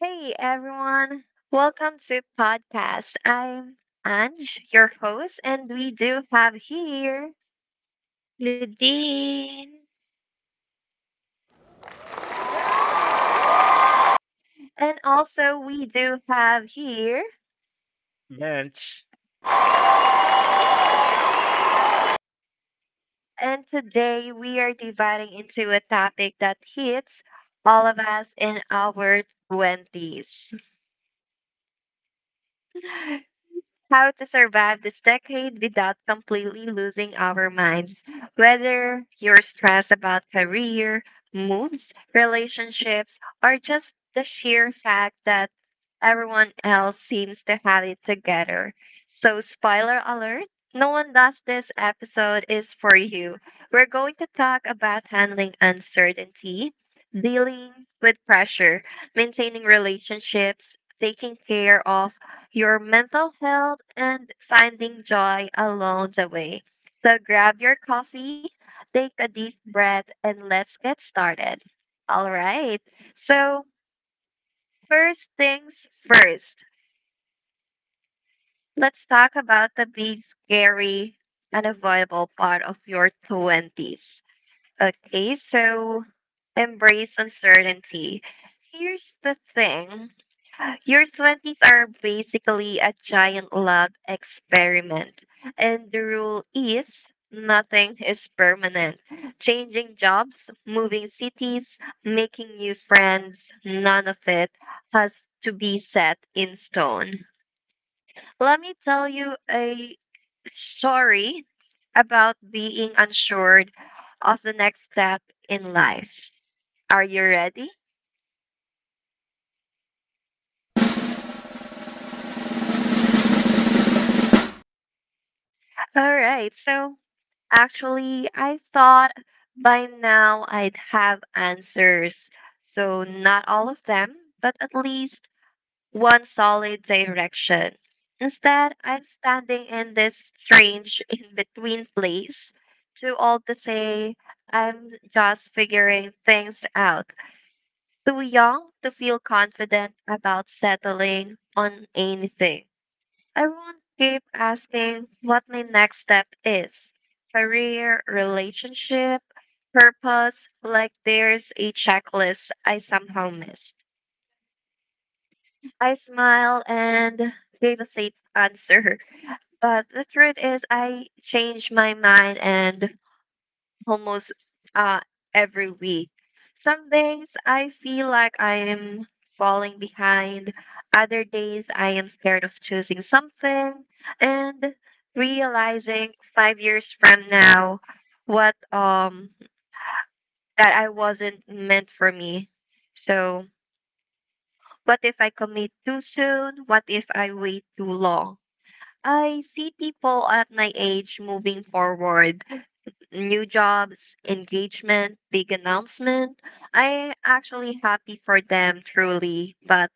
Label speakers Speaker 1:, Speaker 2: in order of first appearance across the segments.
Speaker 1: Hey everyone, welcome to podcast. I'm Ange, your host, and we do have here,
Speaker 2: Nadine.
Speaker 1: and
Speaker 2: And also,
Speaker 1: also we
Speaker 2: we
Speaker 1: do
Speaker 2: do
Speaker 1: have
Speaker 2: have
Speaker 1: here,
Speaker 2: here,
Speaker 3: Bench.
Speaker 1: and
Speaker 2: and
Speaker 1: today
Speaker 2: today
Speaker 1: we
Speaker 2: we
Speaker 1: are
Speaker 2: are
Speaker 1: dividing
Speaker 2: dividing
Speaker 1: into a
Speaker 2: into a
Speaker 1: topic
Speaker 2: topic
Speaker 1: that
Speaker 2: that
Speaker 1: hits
Speaker 2: hits
Speaker 1: all
Speaker 2: all
Speaker 1: of
Speaker 2: of
Speaker 1: us
Speaker 2: us
Speaker 1: in
Speaker 2: in
Speaker 1: our
Speaker 2: our 20s.
Speaker 1: 20s. How to survive this decade without completely losing our minds. Whether you're stressed about career, moves, relationships, or just the sheer fact that everyone else seems to have it together. So, spoiler alert. No one does this episode is for you. We're going to talk about handling uncertainty, dealing with pressure, maintaining relationships, taking care of your mental health, and finding joy along the way. So grab your coffee, take a deep breath, and let's get started. All right. So, First things first, let's talk about the big, scary, unavoidable part of your 20s. Okay. Embrace uncertainty. Here's the thing. Your 20s are basically a giant lab experiment, and the rule is nothing is permanent. Changing jobs, moving cities, making new friends, none of it has to be set in stone. Let me tell you a story about being unsure of the next step in life. Are you ready? All right. Actually, I thought by now I'd have answers. So, not all of them, but at least one solid direction. Instead, I'm standing in this strange in between place. Too old to say, I'm just figuring things out. Too young to feel confident about settling on anything. Everyone will keep asking what my next step is: career, relationship, purpose, like there's a checklist I somehow missed. I smile and gave a safe answer, but the truth is, I changed my mind and almost uh, every week. Some days I feel like I am falling behind. Other days I am scared of choosing something and realizing five years from now what that I wasn't meant for me. So what if I commit too soon? What if I wait too long? I see people at my age moving forward: new jobs, engagement, big announcement. I actually happy for them truly, but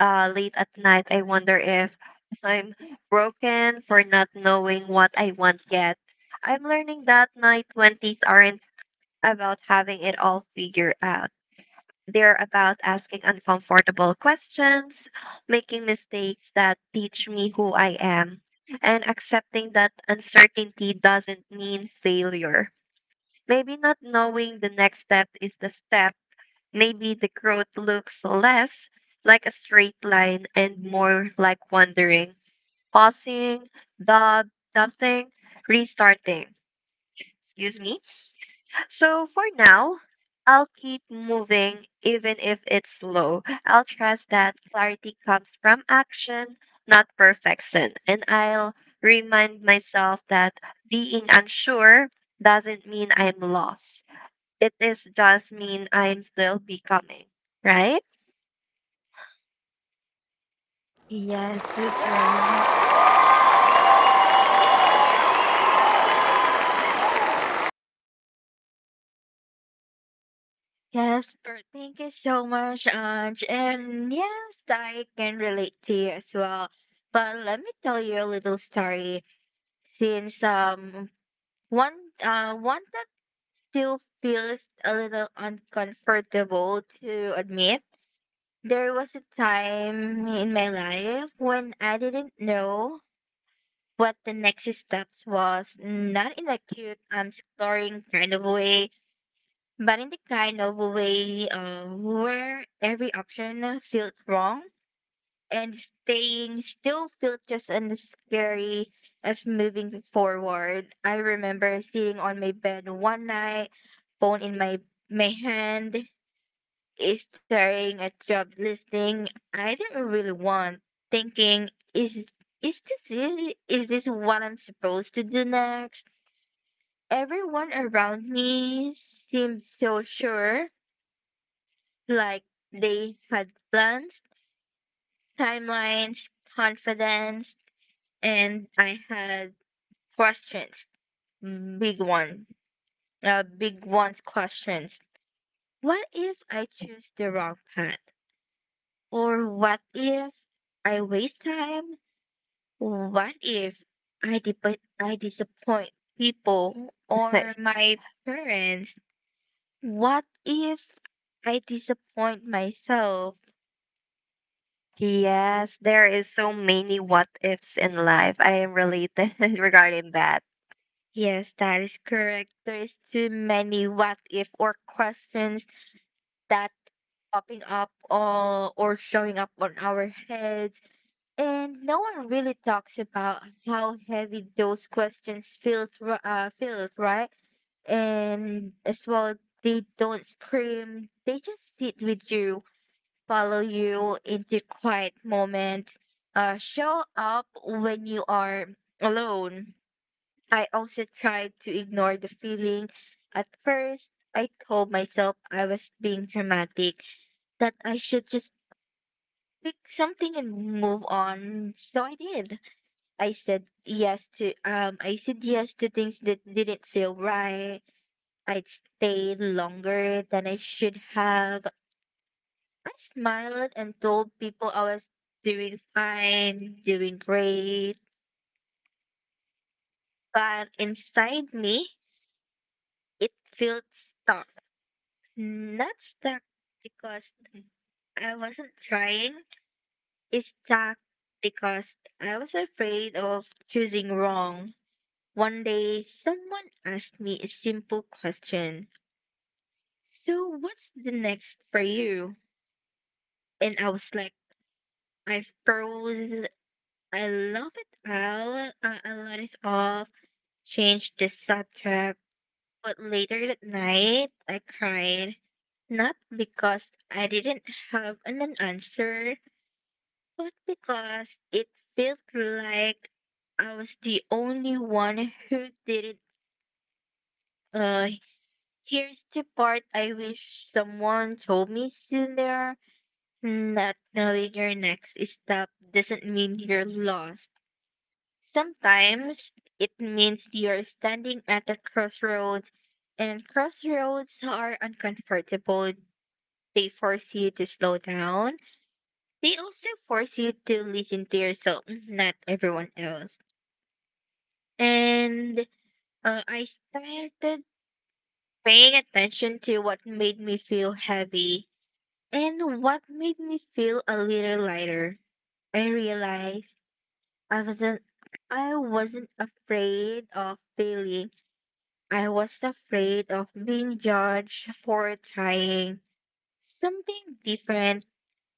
Speaker 1: late at night I wonder if I'm broken for not knowing what I want yet. I'm learning that my 20s aren't about having it all figured out. They're about asking uncomfortable questions, making mistakes that teach me who I am, and accepting that uncertainty doesn't mean failure. Maybe not knowing the next step is the step. Maybe the growth looks less like a straight line and more like wandering, pausing, dub, nothing, restarting. Excuse me. So for now, I'll keep moving even if it's slow. I'll trust that clarity comes from action, not perfection. And I'll remind myself that being unsure doesn't mean I'm lost, it is just mean I'm still becoming, right?
Speaker 2: Yes, that's right. Yes, but thank you so much, Ange. And yes, I can relate to you as well. But let me tell you a little story. Since um one uh one that still feels a little uncomfortable to admit. There was a time in my life when I didn't know what the next steps was, not in a cute, exploring kind of way, but in the kind of way where every option felt wrong and staying still felt just as scary as moving forward. I remember sitting on my bed one night, phone in my hand, staring at job listing I didn't really want, thinking, is this it? Is this what I'm supposed to do next? Everyone around me seemed so sure, like they had plans, timelines, confidence, and I had questions. Big one. Big ones questions. What if I choose the wrong path? Or what if I waste time? What if I disappoint people or my parents? What if I disappoint myself? Yes,
Speaker 1: Yes, there
Speaker 2: there is
Speaker 1: is
Speaker 2: so
Speaker 1: so many
Speaker 2: many what
Speaker 1: what
Speaker 2: ifs
Speaker 1: ifs in
Speaker 2: in
Speaker 1: life.
Speaker 2: life.
Speaker 1: I
Speaker 2: I
Speaker 1: am
Speaker 2: really
Speaker 1: related
Speaker 2: disregarded
Speaker 1: regarding
Speaker 2: that.
Speaker 1: that.
Speaker 2: Yes, that is correct. There is too many what if or questions that popping up or showing up on our heads. And no one really talks about how heavy those questions feels, right? And as well, they don't scream. They just sit with you, follow you into quiet moments, show up when you are alone. I also tried to ignore the feeling. At first, I told myself I was being dramatic, that I should just pick something and move on. So I did. I said yes to things that didn't feel right. I'd stayed longer than I should have. I smiled and told people I was doing fine, doing great. But inside me it felt stuck. Not stuck because I wasn't trying. It's stuck because I was afraid of choosing wrong. One day, someone asked me a simple question. So what's the next for you? And I was like, I froze. I love it all. I let it off. Changed the subject. But later that night, I cried. Not because I didn't have an answer, but because it felt like I was the only one who didn't. Uh, here's the part I wish someone told me sooner. Not knowing your next stop doesn't mean you're lost. Sometimes it means you're standing at a crossroads, and crossroads are uncomfortable. They force you to slow down. They also force you to listen to yourself, not everyone else. And I started paying attention to what made me feel heavy and what made me feel a little lighter. I realized I wasn't I wasn't afraid of failing. I was afraid of being judged for trying something different.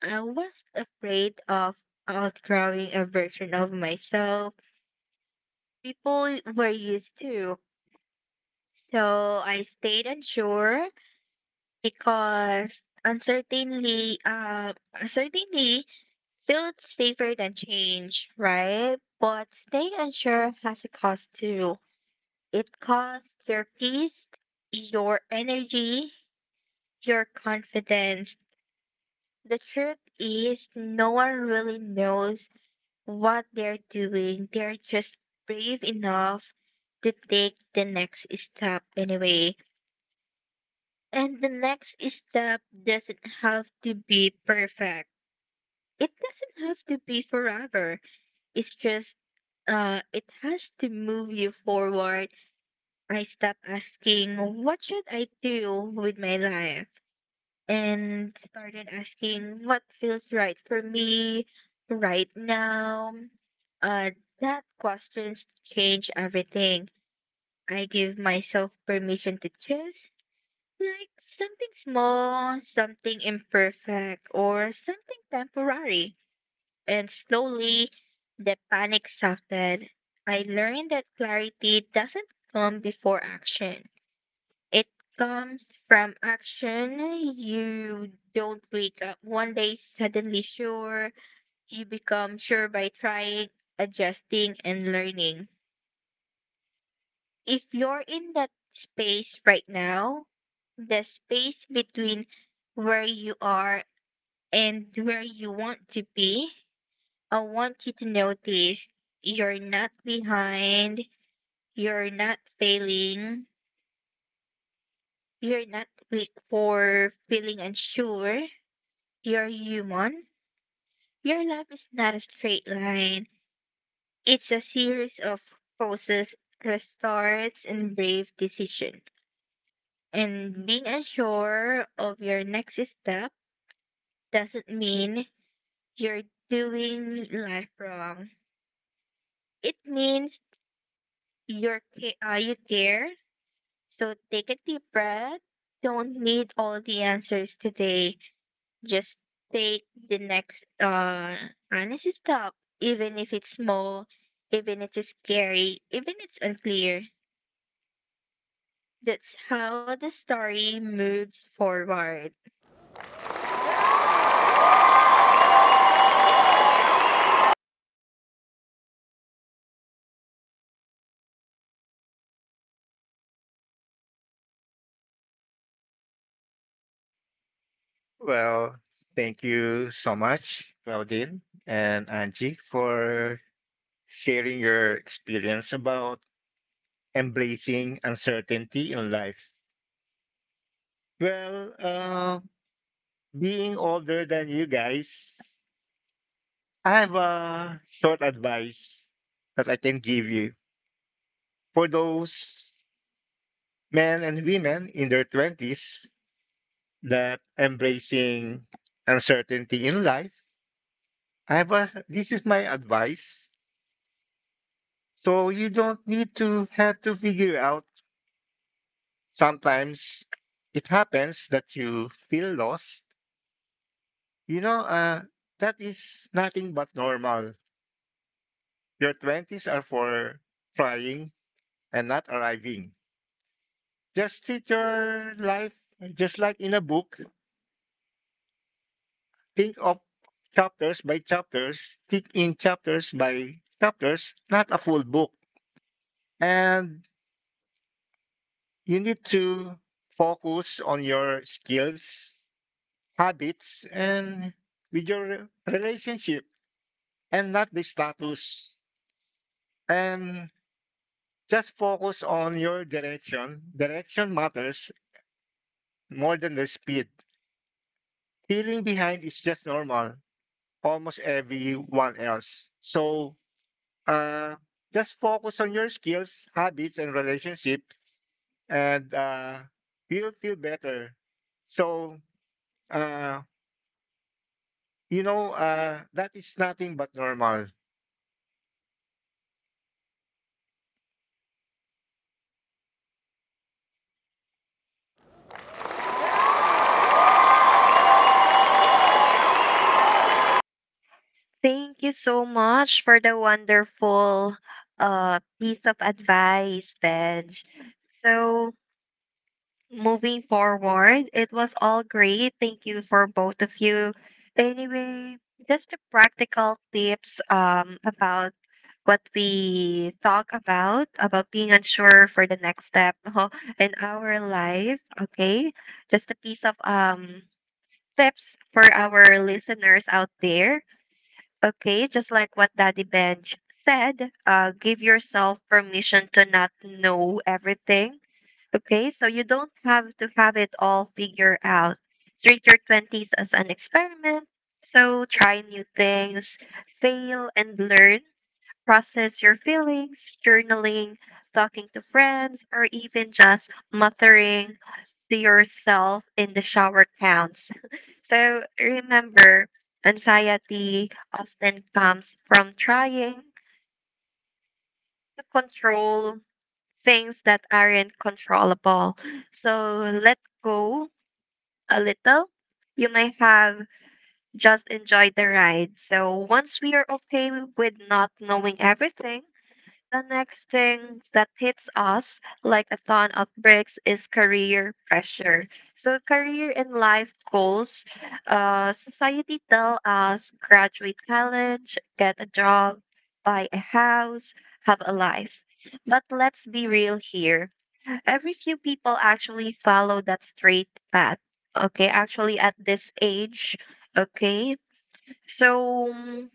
Speaker 2: I was afraid of outgrowing a version of myself people were used to. So I stayed unsure because uncertainty felt safer than change, right? But staying unsure has a cost too. It costs your peace, your energy, your confidence. The truth is, no one really knows what they're doing. They're just brave enough to take the next step anyway. And the next step doesn't have to be perfect. It doesn't have to be forever. It's just it has to move you forward. I stopped asking, what should I do with my life? And started asking, what feels right for me right now? Uh, that questions change everything. I give myself permission to choose, like something small, something imperfect, or something temporary. And slowly, the panic softened. I learned that clarity doesn't come before action, it comes from action. You don't wake up one day suddenly sure. You become sure by trying, adjusting, and learning. If you're in that space right now, the space between where you are and where you want to be, I want you to notice you're not behind, you're not failing, you're not weak for feeling unsure. You're human. Your life is not a straight line. It's a series of pauses, restarts, and brave decisions. And being unsure of your next step doesn't mean you're doing life wrong. It means you care. So take a deep breath. Don't need all the answers today. Just take the next honest stop, even if it's small, even if it's scary, even if it's unclear. That's how the story moves forward.
Speaker 3: Well, thank you so much, Claudine and Angie, for sharing your experience about embracing uncertainty in life. Well, being older than you guys, I have a short advice that I can give you for those men and women in their 20s that embracing uncertainty in life. This is my advice. So you don't need to have to figure out. Sometimes it happens that you feel lost. You know, that is nothing but normal. Your 20s are for trying and not arriving. Just treat your life just like in a book. Think of think in chapters by chapters, not a full book. And you need to focus on your skills, habits, and with your relationship, and not the status, and just focus on your direction matters more than the speed. Feeling behind is just normal, almost everyone else. So uh, just focus on your skills, habits, and relationship, and you'll feel better. So uh, you know, that is nothing but normal.
Speaker 1: Thank you so much for the wonderful piece of advice, Benj. So moving forward. It was all great. Thank you for both of you. Anyway, just the practical tips about what we talk about being unsure for the next step in our life. Okay, just a piece of tips for our listeners out there. Okay, just like what Daddy Bench said, give yourself permission to not know everything. Okay, so you don't have to have it all figured out. Treat your 20s as an experiment. So try new things, fail and learn, process your feelings, journaling, talking to friends, or even just muttering to yourself in the shower counts. So remember, anxiety often
Speaker 2: Often
Speaker 1: comes
Speaker 2: comes
Speaker 1: from
Speaker 2: from
Speaker 1: trying
Speaker 2: trying
Speaker 1: to
Speaker 2: to control.
Speaker 1: control things that aren't controllable. So let go a little. You might have just enjoyed the ride. So once we are okay with not knowing everything, the next thing that hits us like a ton of bricks is career pressure. So career and life goals, society tell us graduate college, get a job, buy a house, have a life. But let's be real here. Every few people actually follow that straight path. Okay, actually at this age, okay. So mm,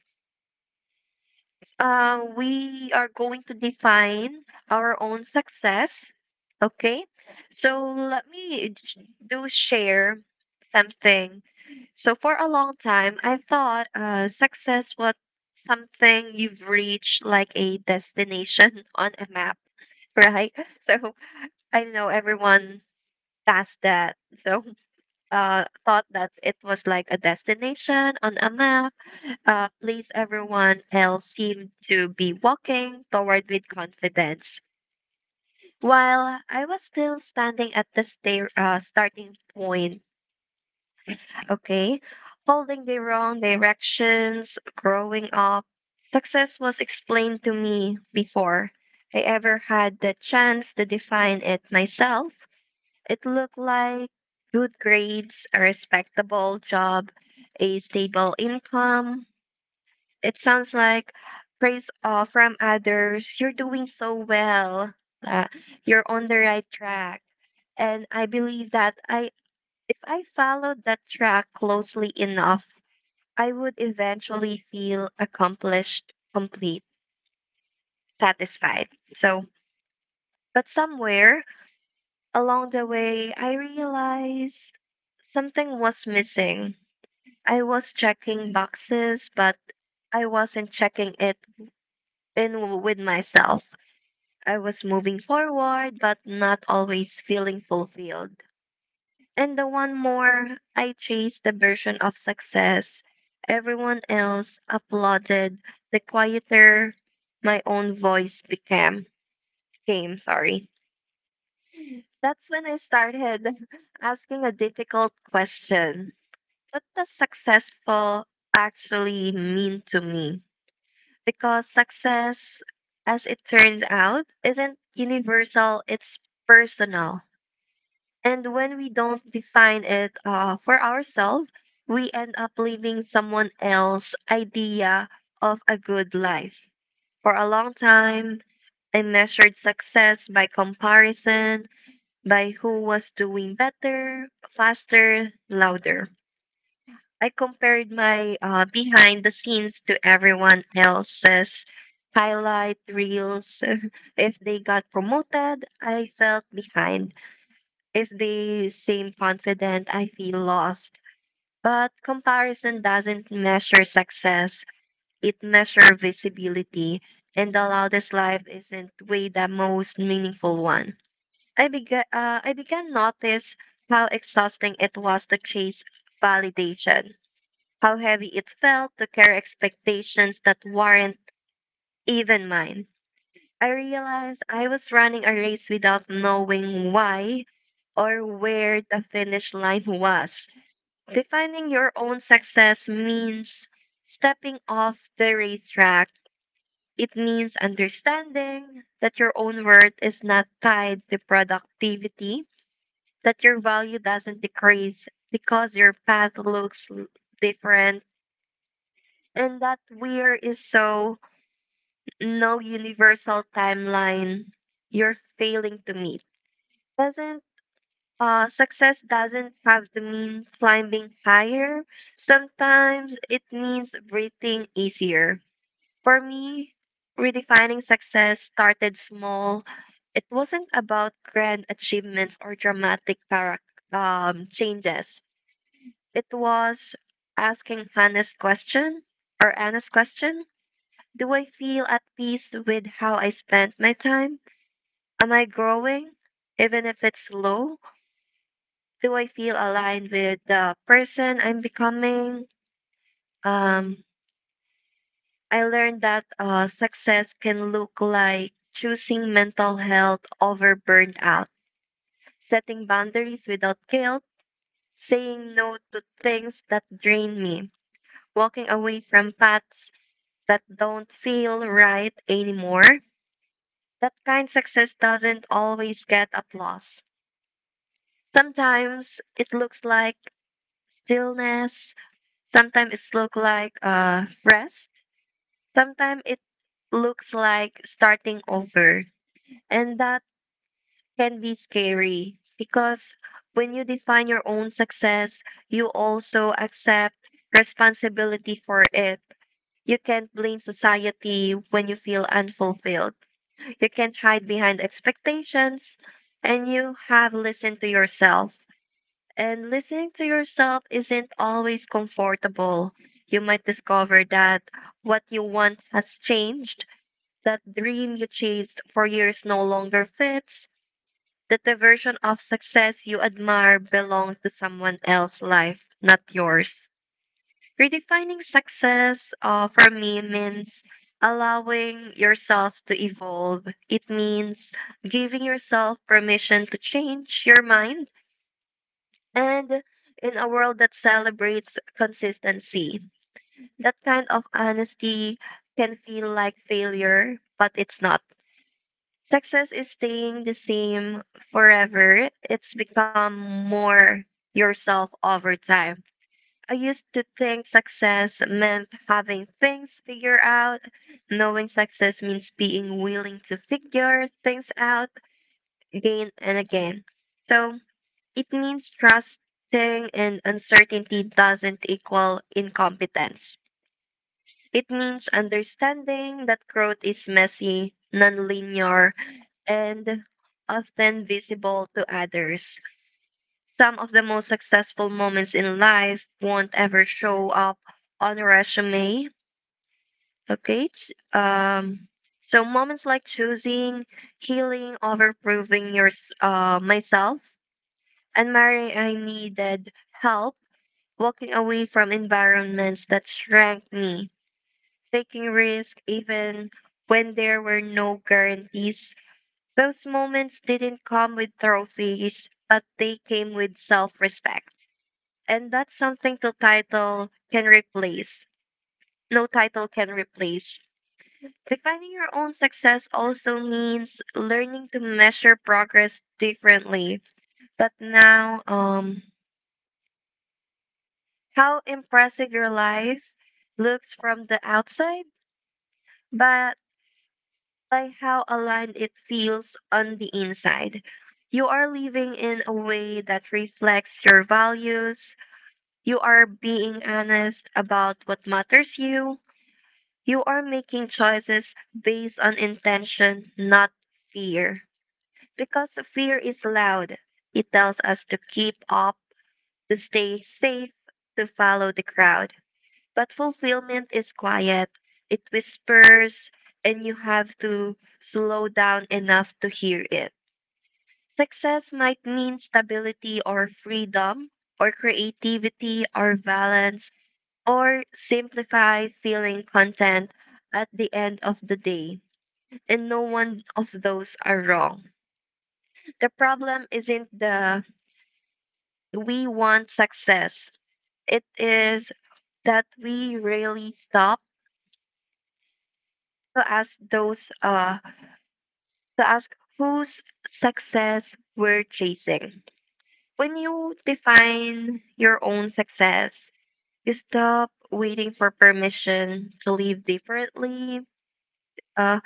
Speaker 1: uh, we are going to define our own success. Okay, so let me do share something. So for a long time, I thought success was something you've reached like a destination on a map, right? So I know everyone past that. So thought that it was like a destination on a map, a place everyone else seemed to be walking toward with confidence. While I was still standing at the starting point, okay, holding the wrong directions, growing up, success was explained to me before I ever had the chance to define it myself. It looked like good grades, a respectable job, a stable income. It sounds like praise from others. You're doing so well. Uh, you're on the right track. And I believe that I if I followed that track closely enough, I would eventually feel accomplished, complete, satisfied. So, but somewhere along the way, I realized something was missing. I was checking boxes, but I wasn't checking it in with myself. I was moving forward, but not always feeling fulfilled. And the one more, I chased the version of success everyone else applauded. The quieter my own voice became, sorry. That's when I started asking a difficult question. What does successful actually mean to me? Because success, as it turns out, isn't universal, it's personal. And when we don't define it for ourselves, we end up living someone else's idea of a good life. For a long time, I measured success by comparison, by who was doing better, faster, louder. I compared my behind the scenes to everyone else's highlight reels. If they got promoted, I felt behind. If they seem confident, I feel lost. But comparison doesn't measure success, it measures visibility. And the loudest life isn't way the most meaningful one. I began notice how exhausting it was to chase validation, how heavy it felt to carry expectations that weren't even mine. I realized I was running a race without knowing why or where the finish line was. Defining your own success means stepping off the racetrack. It means understanding that your own worth is not tied to productivity, that your value doesn't decrease because your path looks different. And that weird is so no universal timeline you're failing to meet. Doesn't Success doesn't have to mean climbing higher. Sometimes it means breathing easier. For me, redefining success started small. It wasn't about grand achievements or dramatic changes. It was asking honest question. Do I feel at peace with how I spent my time? Am I growing, even if it's slow? Do I feel aligned with the person I'm becoming? Um, I learned that success can look like choosing mental health over burnout, setting boundaries without guilt, saying no to things that drain me, walking away from paths that don't feel right anymore. That kind success doesn't always get applause. Sometimes it looks like stillness, sometimes it looks like rest, sometimes it looks like starting over. And that can be scary because when you define your own success, you also accept responsibility for it. You can't blame society when you feel unfulfilled. You can't hide behind expectations and you have listened to yourself. And listening to yourself isn't always comfortable. You might discover that what you want has changed, that dream you chased for years no longer fits, that the version of success you admire belonged to someone else's life, not yours. Redefining success for me means allowing yourself to evolve. It means giving yourself permission to change your mind. And in a world that celebrates consistency, that kind of honesty can feel like failure, but it's not. Success is staying the same forever, it's become more yourself over time. I used to think success meant having things figured out. Knowing success means being willing to figure things out again and again. So it means trusting and uncertainty doesn't equal incompetence. It means understanding that growth is messy, nonlinear, and often visible to others. Some of the most successful moments in life won't ever show up on a resume. Okay. So moments like choosing healing over proving myself, and marrying I needed help, walking away from environments that shrank me, taking risk even when there were no guarantees. Those moments didn't come with trophies, but they came with self-respect. And that's something no title can replace. No title can replace. Defining your own success also means learning to measure progress differently. But now, how impressive your life looks from the outside, but by how aligned it feels on the inside. You are living in a way that reflects your values. You are being honest about what matters you. You are making choices based on intention, not fear. Because fear is loud, it tells us to keep up, to stay safe, to follow the crowd. But fulfillment is quiet, it whispers, and you have to slow down enough to hear it. Success might mean stability or freedom, or creativity or balance or simplify feeling content at the end of the day. And no one of those are wrong. The problem isn't the we want success, it is that we really stop to ask those to ask whose success we're chasing. When you define your own success, you stop waiting for permission to live differently, uh,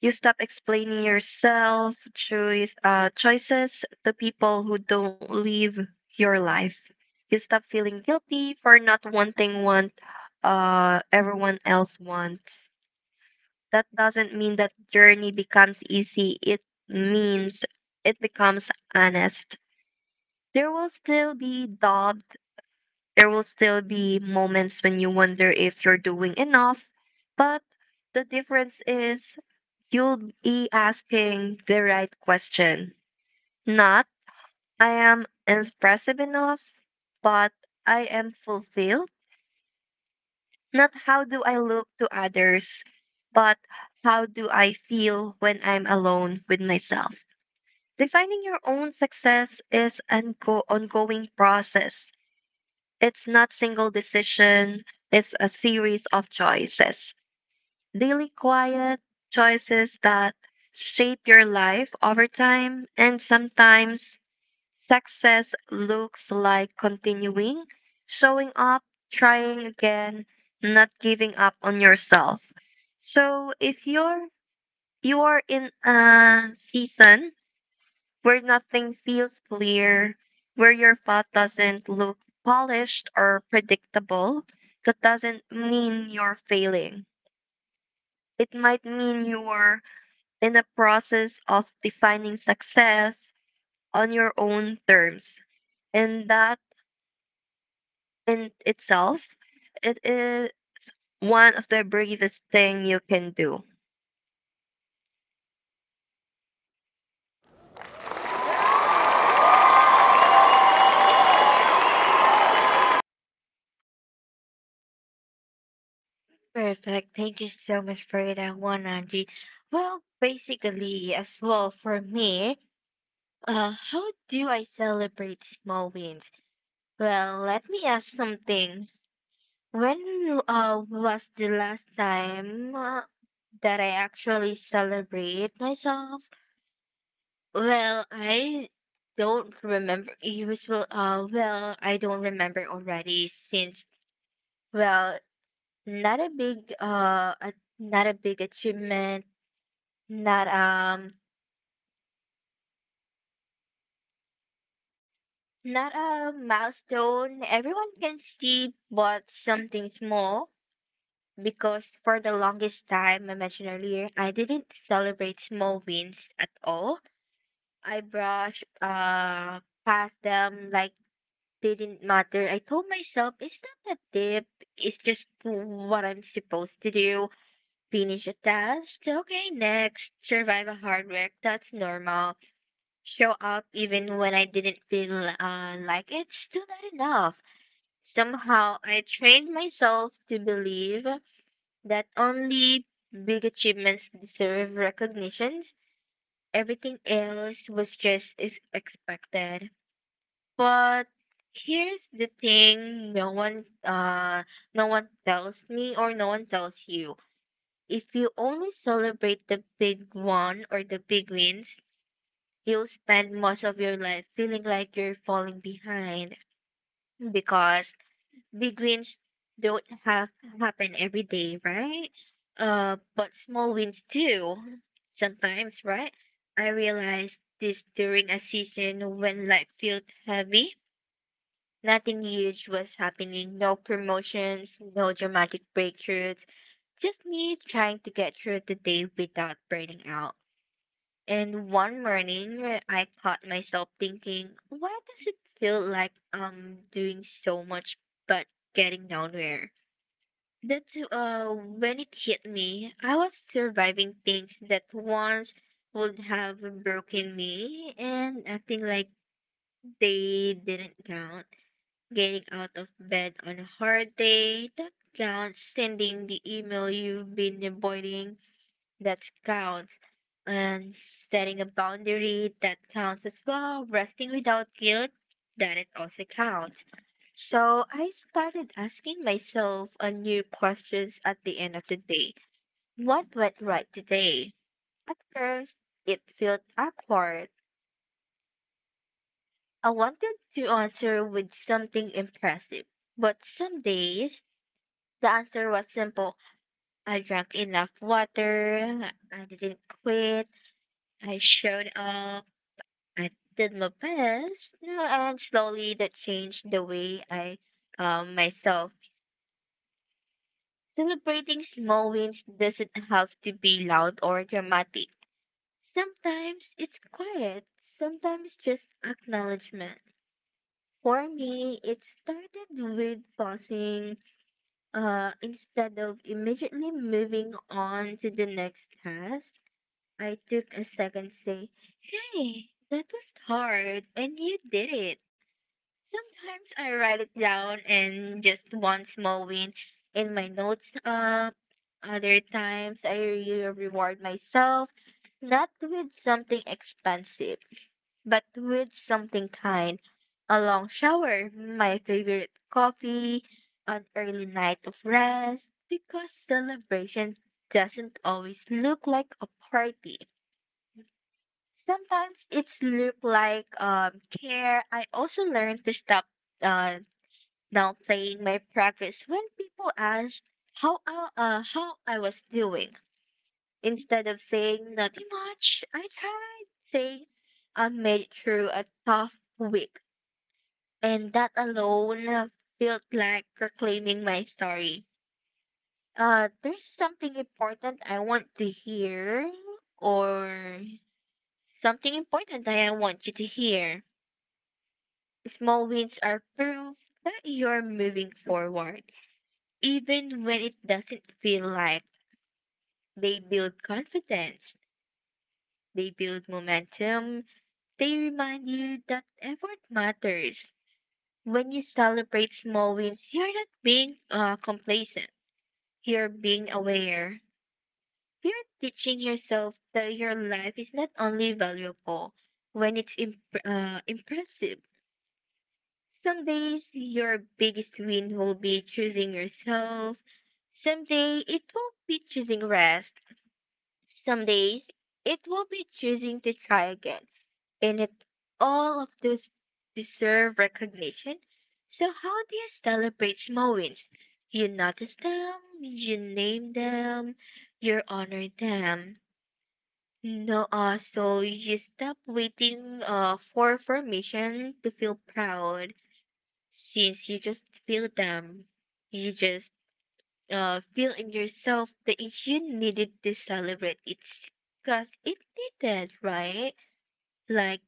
Speaker 1: You stop explaining yourself, choices to people who don't live your life. You stop feeling guilty for not wanting what everyone else wants. That doesn't mean that journey becomes easy. It means it becomes honest. There will still be doubt, there will still be moments when you wonder if you're doing enough, but the difference is you'll be asking the right question. Not, I am expressive enough, but I am fulfilled. Not, how do I look to others, but how do I feel when I'm alone with myself? Defining your own success is an ongoing process. It's not single decision, it's a series of choices. Daily quiet choices that shape your life over time, and sometimes success looks like continuing, showing up, trying again, not giving up on yourself. So if you are in a season where nothing feels clear, where your path doesn't look polished or predictable, that doesn't mean you're failing. It might mean you're in a process of defining success on your own terms. And that in itself, it is one of the bravest thing you can do.
Speaker 2: Perfect. Thank you so much for that one, Angie. Well, basically, as well for me, how do I celebrate small wins? Well, let me ask something. When was the last time that I actually celebrate myself? Well, I don't remember. Usual. Well, I don't remember already since. Well, not a big. Not a big achievement. Not um. Not a milestone everyone can see, but something small because for the longest time I mentioned earlier, I didn't celebrate small wins at all. I brushed past them like they didn't matter. I told myself it's not a dip. It's just what I'm supposed to do. Finish a task. Okay, next. Survive a hard work. That's normal. Show up even when I didn't feel like it's still not enough. Somehow I trained myself to believe that only big achievements deserve recognitions. Everything else was just is expected. But here's the thing, no one tells me or no one tells you. If you only celebrate the big one or the big wins, you'll spend most of your life feeling like you're falling behind because big wins don't have happen every day, right? But small wins do sometimes, right? I realized this during a season when life felt heavy. Nothing huge was happening, no promotions, no dramatic breakthroughs, just me trying to get through the day without burning out. And one morning, I caught myself thinking, why does it feel like I'm doing so much but getting nowhere? That's when it hit me. I was surviving things that once would have broken me and acting like they didn't count. Getting out of bed on a hard day, that counts. Sending the email you've been avoiding, that counts. And setting a boundary, that counts as well. Resting without guilt, that it also counts. So I started asking myself a new questions at the end of the day. What went right today? At first, it felt awkward. I wanted to answer with something impressive, but some days the answer was simple. I drank enough water. I didn't quit. I showed up. I did my best, you know, and slowly that changed the way I myself. Celebrating small wins doesn't have to be loud or dramatic. Sometimes it's quiet, sometimes just acknowledgement. For me, it started with pausing instead of immediately moving on to the next task. I took a second to say, hey, that was hard, and you did it. Sometimes I write it down and just one small win in my notes up. Other times I really reward myself, not with something expensive, but with something kind. A long shower, my favorite coffee, an early night of rest, because celebration doesn't always look like a party. Sometimes it's look like care. I also learned to stop uh downplaying my progress when people asked how I was doing. Instead of saying nothing much, I tried saying I made it through a tough week, and that alone felt like reclaiming my story. There's something important I want to hear, or Something important that I want you to hear. Small wins are proof that you're moving forward, even when it doesn't feel like they build confidence, they build momentum, they remind you that effort matters. When you celebrate small wins, you're not being complacent, you're being aware. You're teaching yourself that your life is not only valuable when it's impressive. Some days your biggest win will be choosing yourself. Someday it will be choosing rest. Some days it will be choosing to try again, and it all of those deserve recognition. So how do you celebrate small wins? You notice them, you name them, you honor them. No, so you stop waiting for permission to feel proud since you just feel them. You just feel in yourself that you needed to celebrate it because it needed, right? Like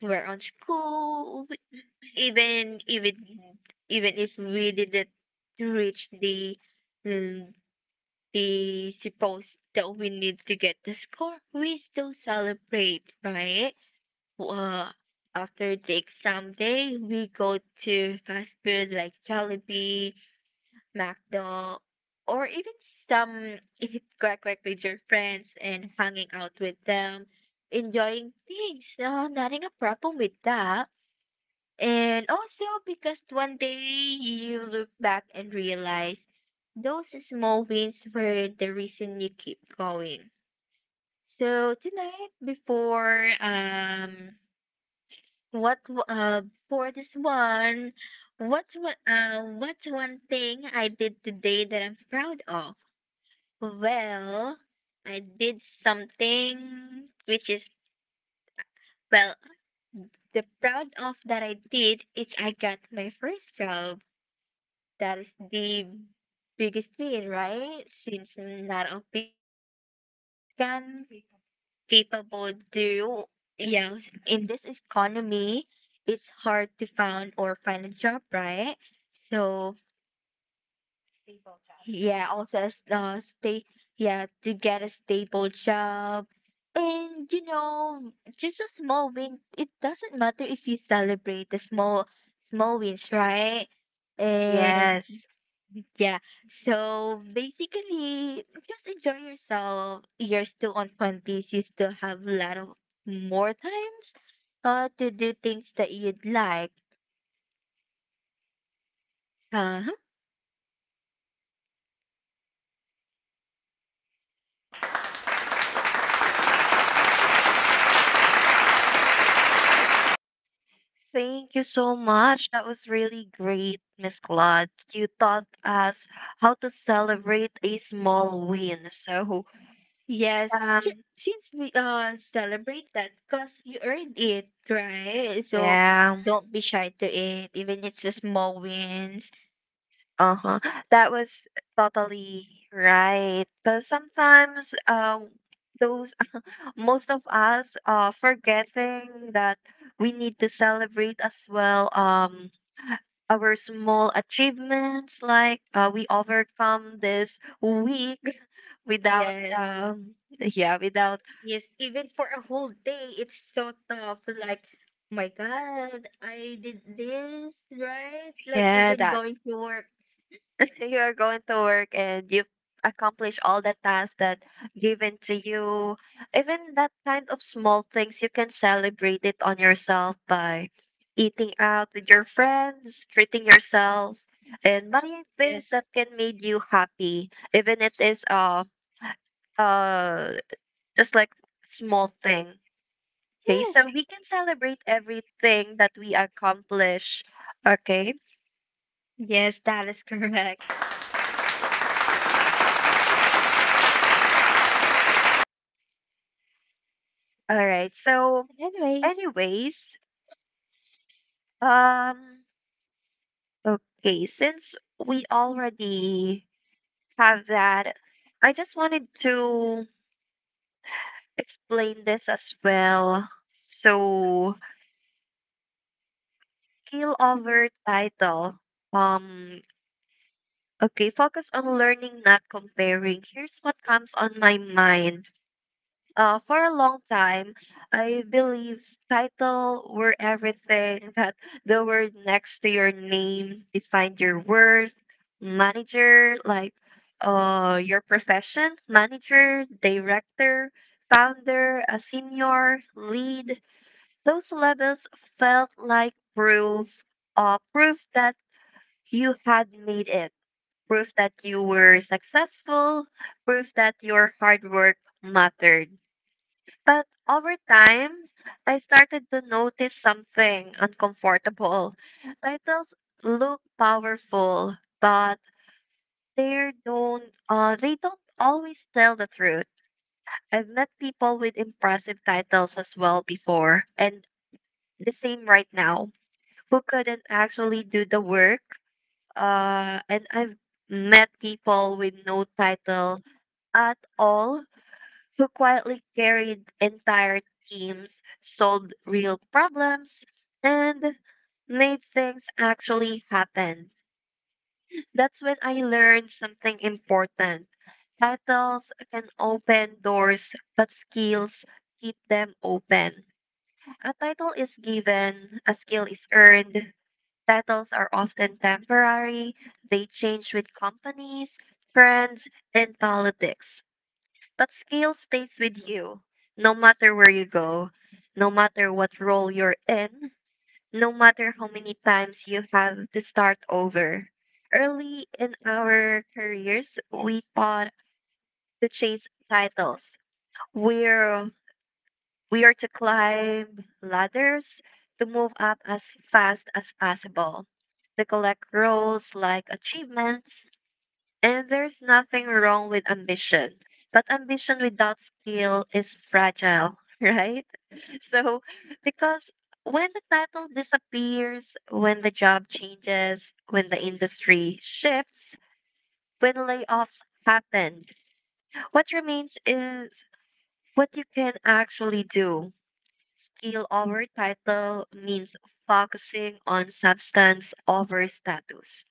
Speaker 2: we're on school, even even even if we didn't reach the mm, the supposed that we need to get the score, we still celebrate, right? Uh, after the exam day, we go to fast food like Jollibee, McDo, or even some if it quack quack with your friends and hanging out with them, enjoying things. Nothing a problem with that. And also because one day you look back and realize those small wins were the reason you keep going. So tonight, before, what w- uh for this one what's one thing I did today that I'm proud of? Well, I did something which is, well, the proud of that I did is I got my first job. That is the biggest win, right? Since a lot of people can capable do, yeah, in this economy, it's hard to find or find a job, right? So, yeah, also as stay, yeah, to get a stable job, and just a small win. It doesn't matter if you celebrate the small wins, right? And
Speaker 1: Yes.
Speaker 2: yeah, so basically just enjoy yourself. You're still on 20s. You still have a lot of more times to do things that you'd like. Uh huh.
Speaker 1: Thank you so much. That was really great, Miss Claude. You taught us how to celebrate a small win. So, yes,
Speaker 2: Yes, since we
Speaker 1: we all celebrate
Speaker 2: celebrate that
Speaker 1: that
Speaker 2: because
Speaker 1: because
Speaker 2: you
Speaker 1: you earned
Speaker 2: earned it,
Speaker 1: it, right?
Speaker 2: right? So
Speaker 1: Yeah. Don't
Speaker 2: don't be
Speaker 1: be shy
Speaker 2: shy to
Speaker 1: to
Speaker 2: it,
Speaker 1: it, even
Speaker 2: even
Speaker 1: if
Speaker 2: it's a
Speaker 1: it's a
Speaker 2: small wins.
Speaker 1: small win. Uh-huh. That was totally right. Because sometimes those, most of us forgetting that we need to celebrate as well, our small achievements, like we overcome this week
Speaker 2: Without.
Speaker 1: without
Speaker 2: Yes,
Speaker 1: without,
Speaker 2: yes, even
Speaker 1: even
Speaker 2: for
Speaker 1: for
Speaker 2: a
Speaker 1: a whole
Speaker 2: whole
Speaker 1: day
Speaker 2: day,
Speaker 1: it's
Speaker 2: it's so
Speaker 1: thought
Speaker 2: tough.
Speaker 1: of like,
Speaker 2: Like,
Speaker 1: "Oh
Speaker 2: my
Speaker 1: my God,
Speaker 2: God, I
Speaker 1: I did
Speaker 2: did this,
Speaker 1: this, right?
Speaker 2: right? Like,
Speaker 1: Yeah,
Speaker 2: even
Speaker 1: that
Speaker 2: going to work.
Speaker 1: you are going to work and you accomplish all the tasks that given to you, even that kind of small things you can celebrate it on yourself by eating out with your friends, treating yourself, and buying things
Speaker 2: Yes,
Speaker 1: that
Speaker 2: that's what
Speaker 1: can make
Speaker 2: made
Speaker 1: you
Speaker 2: you
Speaker 1: happy, even it is uh just like
Speaker 2: a
Speaker 1: small
Speaker 2: small thing.
Speaker 1: thing."
Speaker 2: So
Speaker 1: Okay,
Speaker 2: yes,
Speaker 1: so we
Speaker 2: we
Speaker 1: can
Speaker 2: can
Speaker 1: celebrate
Speaker 2: celebrate
Speaker 1: everything
Speaker 2: everything
Speaker 1: that
Speaker 2: that we
Speaker 1: we
Speaker 2: accomplished.
Speaker 1: accomplish. Okay,
Speaker 2: Okay?
Speaker 1: yes,
Speaker 2: Yes, that
Speaker 1: that
Speaker 2: is
Speaker 1: is correct.
Speaker 2: correct. All
Speaker 1: All
Speaker 2: right.
Speaker 1: right, so
Speaker 2: Anyways,
Speaker 1: anyways, um, okay, since we already have that, I just wanted to explain this as well. So, kill over title. Um, okay, focus on learning, not comparing. Here's what comes on my mind. Uh, for a long time, I believe title were everything, that the word next to your name defined your worth. Manager, like, your profession, manager, director, founder, a senior, lead. Those levels felt like proof, proof that you had made it, proof that you were successful, proof that your hard work mattered. But over time, I started to notice something uncomfortable. Titles look powerful, but they don't they don't always tell the truth. I've met people with impressive titles as well before, and the same right now, who couldn't actually do the work. And I've met people with no title at all who quietly carried entire teams, solved real problems, and made things actually happen. That's when I learned something important. Titles can open doors, but skills keep them open. A title is given, a skill is earned. Titles are often temporary, they change with companies, trends, and politics. But skill stays with you, no matter where you go, no matter what role you're in, no matter how many times you have to start over. Early in our careers, we thought to chase titles. We're we are to climb ladders, to move up as fast as possible, to collect roles like achievements, and there's nothing wrong with ambition, but ambition without skill is fragile, right? So, because when the title disappears, when the job changes, when the industry shifts, when layoffs happen, what remains is what you can actually do. Skill over title means focusing on substance over status.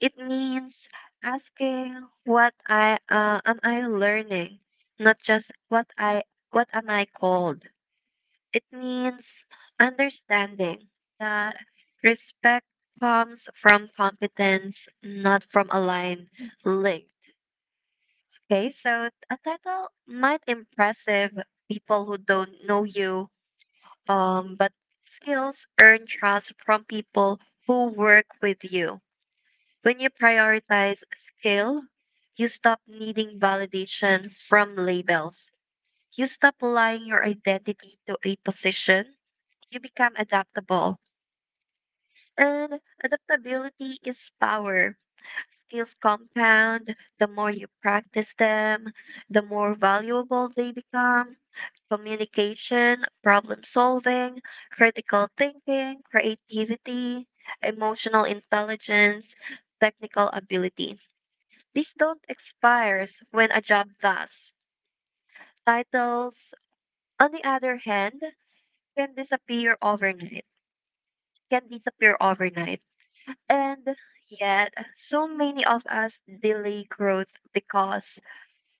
Speaker 1: It means asking what I am I learning, not just what am I called. It means understanding that respect comes from competence, not from a line linked. Okay, so a title might impressive people who don't know you, but skills earn trust from people who work with you. When you prioritize skill, you stop needing validation from labels. You stop lying your identity to a position. You become adaptable. And adaptability is power. Skills compound. The more you practice them, the more valuable they become. Communication, problem solving, critical thinking, creativity, emotional intelligence, technical ability, these don't expire when a job does. Titles, on the other hand, can disappear overnight. Can disappear overnight. And yet, so many of us delay growth because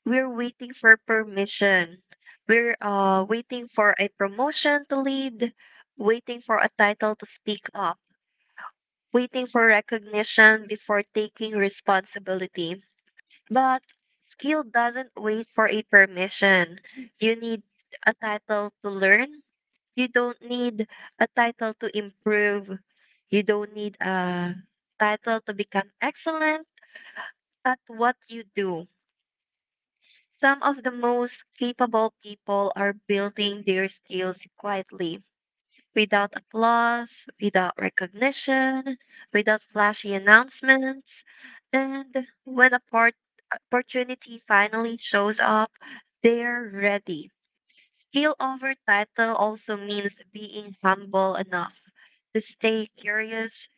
Speaker 1: we're waiting for permission. We're waiting for a promotion to lead, waiting for a title to speak up, waiting for recognition before taking responsibility. But skill doesn't wait for a permission. You need a title to learn. You don't need a title to improve. You don't need a title to become excellent at what you do. Some of the most capable people are building their skills quietly, without applause, without recognition, without flashy announcements. And when a part opportunity finally shows up, they're ready. Skill over title also means being humble enough to stay curious.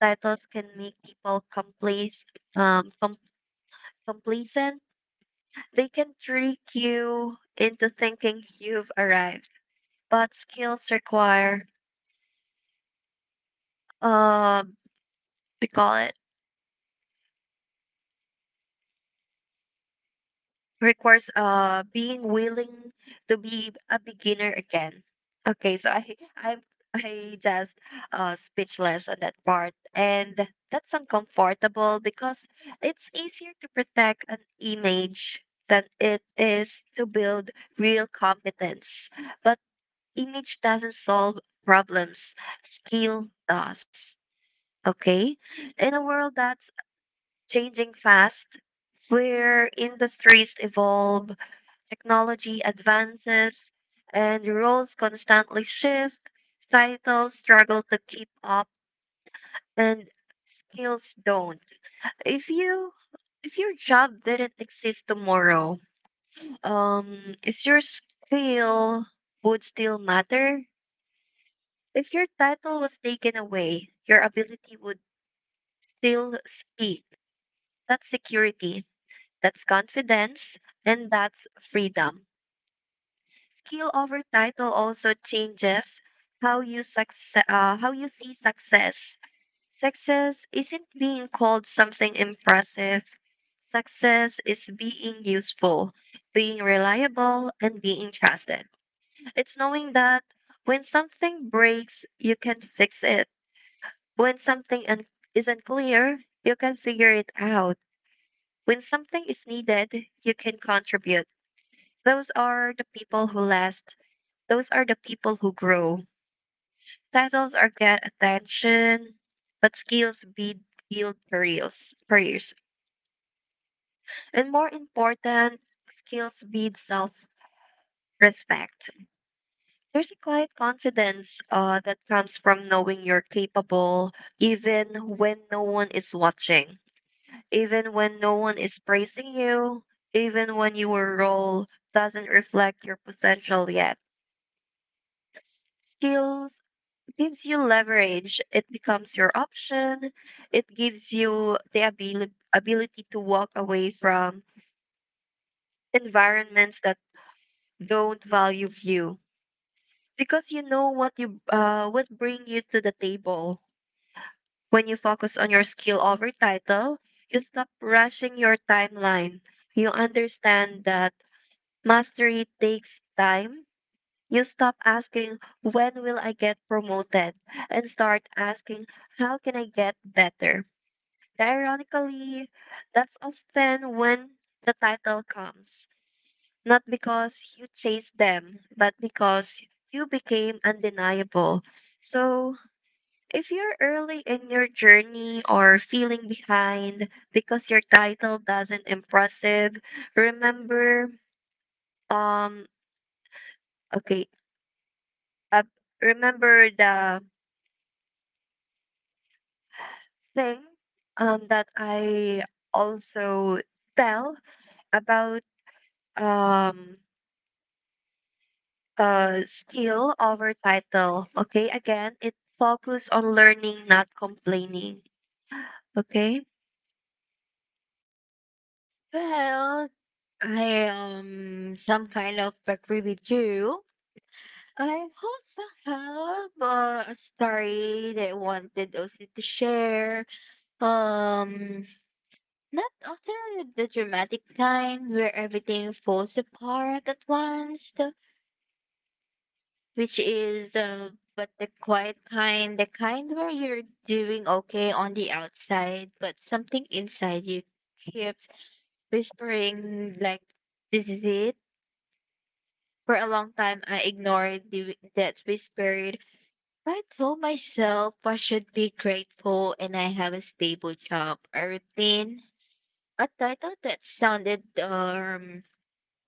Speaker 1: Titles can make people um, com- complacent. They can trick you into thinking you've arrived. But skills require, uh, we call it requires being willing to be a beginner again. Okay, so I I just speechless on that part, and that's uncomfortable because it's easier to protect an image than it is to build real competence. But image doesn't solve problems, skill does. Okay? In a world that's changing fast, where industries evolve, technology advances, and roles constantly shift, titles struggle to keep up, and skills don't. If you if your job didn't exist tomorrow, um, is your skill would still matter? If your title was taken away, your ability would still speak. That's security, that's confidence, and that's freedom. Skill over title also changes how you see success. Success isn't being called something impressive. Success is being useful, being reliable, and being trusted. It's knowing that when something breaks, you can fix it. When something isn't clear, you can figure it out. When something is needed, you can contribute. Those are the people who last. Those are the people who grow. Titles are get attention, but skills bid build careers, careers. And more important, skills build self-respect. There's a quiet confidence that comes from knowing you're capable, even when no one is watching, even when no one is praising you, even when your role doesn't reflect your potential yet. Skills gives you leverage. It becomes your option. It gives you the ability to walk away from environments that don't value you, because you know what bring you to the table. When you focus on your skill over title, you stop rushing your timeline. You understand that mastery takes time. You stop asking when will I get promoted, and start asking how can I get better. Ironically, that's often when the title comes, not because you chased them, but because you became undeniable. So, if you're early in your journey or feeling behind because your title doesn't impressive, remember, um okay, uh, remember the thing that I also tell about, um skill over title. Okay, again, it focus on learning, not complaining. Okay.
Speaker 2: well, I am some kind of background with you. I also have a story that I wanted also to share. Um, Not also the dramatic kind where everything falls apart at once. Which is, but the quiet kind, the kind where you're doing okay on the outside, but something inside you keeps whispering like, this is it. For a long time, I ignored that whispered. I told myself I should be grateful and I have a stable job, a routine, a title that sounded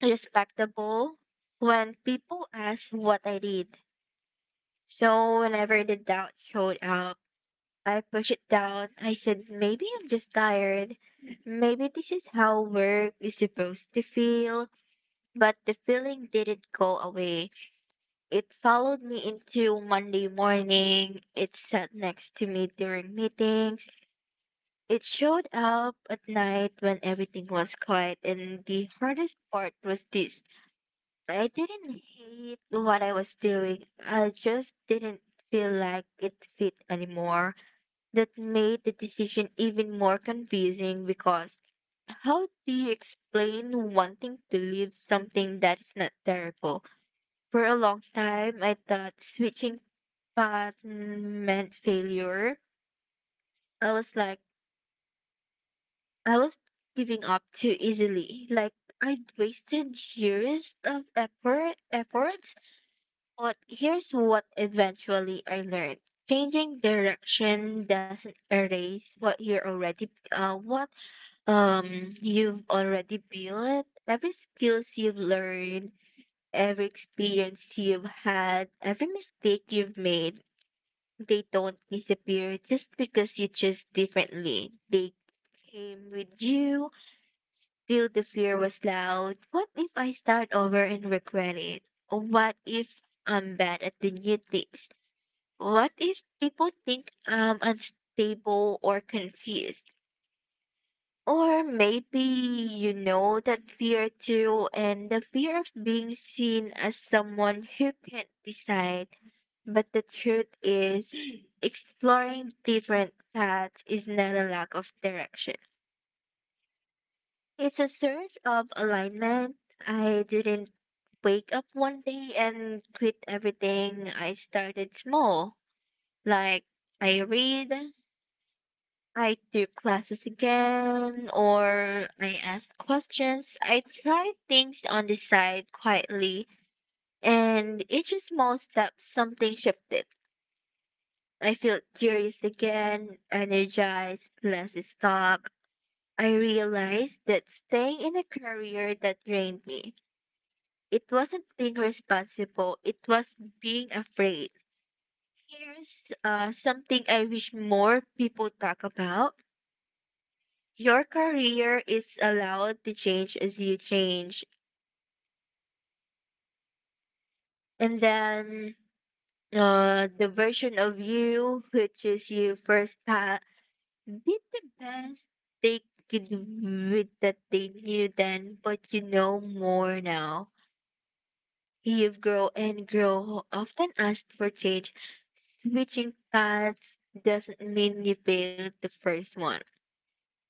Speaker 2: respectable. When people asked what I did, so whenever the doubt showed up, I pushed it down. I said, maybe I'm just tired. Maybe this is how work is supposed to feel. But the feeling didn't go away. It followed me into Monday morning. It sat next to me during meetings. It showed up at night when everything was quiet. And the hardest part was this. I didn't hate what I was doing. I just didn't feel like it fit anymore. That made the decision even more confusing because how do you explain wanting to leave something that is not terrible? For a long time, I thought switching paths meant failure. I was like, I was giving up too easily. Like, I'd wasted years of effort. But here's what eventually I learned. Changing direction doesn't erase what you've already built. Every skills you've learned, every experience you've had, every mistake you've made, they don't disappear just because you choose differently. They came with you. Still, the fear was loud. What if I start over and regret it? What if I'm bad at the new things? What if people think I'm unstable or confused? Or maybe you know that fear too, and the fear of being seen as someone who can't decide. But the truth is, exploring different paths is not a lack of direction. It's a search of alignment. I didn't wake up one day and quit everything. I started small. Like, I read, I took classes again, or I asked questions. I tried things on the side quietly, and each small step, something shifted. I felt curious again, energized, less stuck. I realized that staying in a career that drained me, it wasn't being responsible, it was being afraid. Here's something I wish more people talk about. Your career is allowed to change as you change. And then, the version of you who chose you first did the best they could with that they knew then, but you know more now. Eve Grow and Grow often asked for change. Switching paths doesn't mean you failed the first one.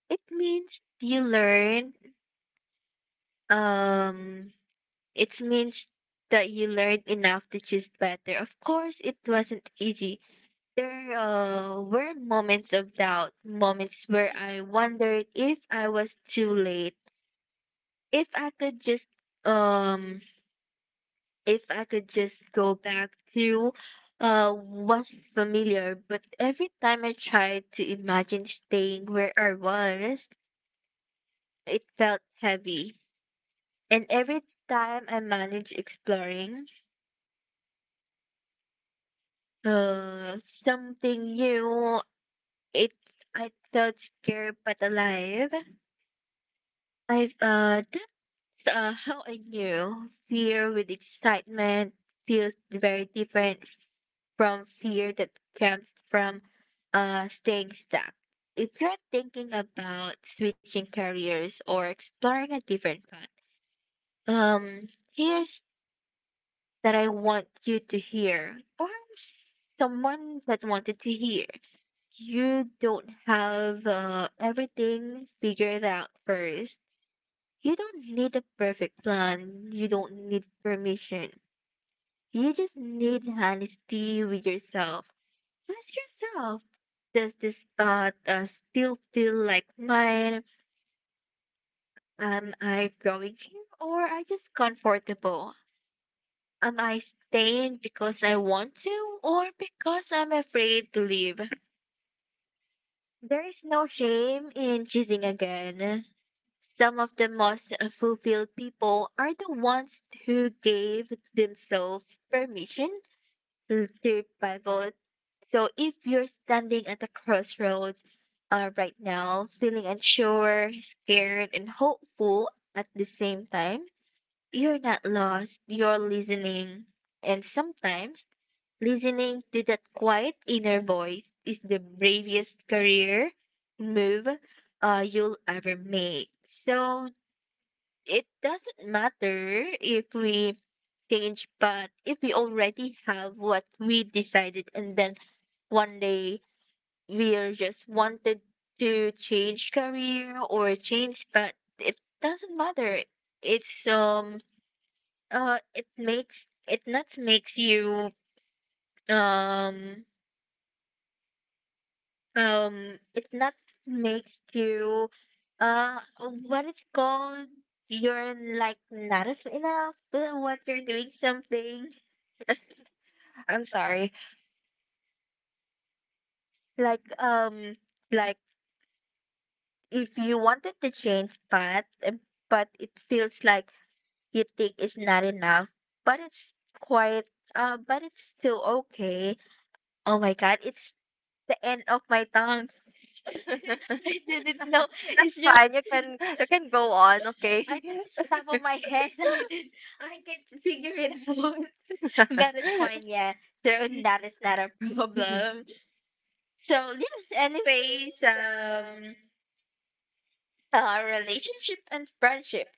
Speaker 2: It means you learned, um it means that you learned enough to choose better. Of course it wasn't easy. There, were moments of doubt, moments where I wondered if I was too late, if I could just um if I could just go back to what's familiar, but every time I tried to imagine staying where I was, it felt heavy. And every time I managed exploring uh something new, it I felt scared but alive. I've So, how I knew fear with excitement feels very different from fear that comes from staying stuck. If you're thinking about switching careers or exploring a different path, um, here's that I want you to hear, or someone that wanted to hear. You don't have everything figured out first. You don't need a perfect plan. You don't need permission. You just need honesty with yourself. Ask yourself, does this path still feel like mine? Am I growing here or I just comfortable? Am I staying because I want to or because I'm afraid to leave? There is no shame in choosing again. Some of the most fulfilled people are the ones who gave themselves permission to pivot. So if you're standing at a crossroads right now, feeling unsure, scared, and hopeful at the same time, you're not lost, you're listening. And sometimes listening to that quiet inner voice is the bravest career move you'll ever make. So it doesn't matter if we change, but if we already have what we decided and then one day we are just wanted to change career or change, but it doesn't matter. It's it makes it not makes you um um it not makes you uh what it's called. You're like not enough what you're doing. Something
Speaker 1: I'm sorry.
Speaker 2: like um like, if you wanted to change path, but it feels like you think it's not enough, but it's quite but it's still okay. Oh my God, it's the end of my tongue. I didn't know.
Speaker 1: That's
Speaker 2: It's just,
Speaker 1: fine. You can go on. Okay.
Speaker 2: I think it's top of my head. I didn't, I can figure it out. But it's fine. Yeah, so that is not a
Speaker 1: Mhm.
Speaker 2: problem. So yes, anyways, relationship and friendship.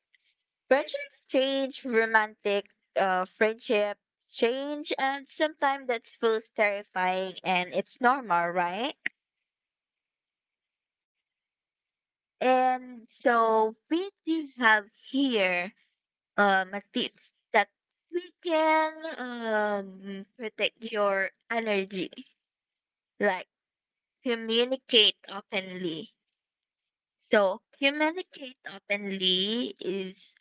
Speaker 2: Friendships change, romantic, friendship change, and sometimes that feels terrifying, and it's normal, right? And so we do have here, a tips that we can, protect your energy, like communicate openly. So communicate openly is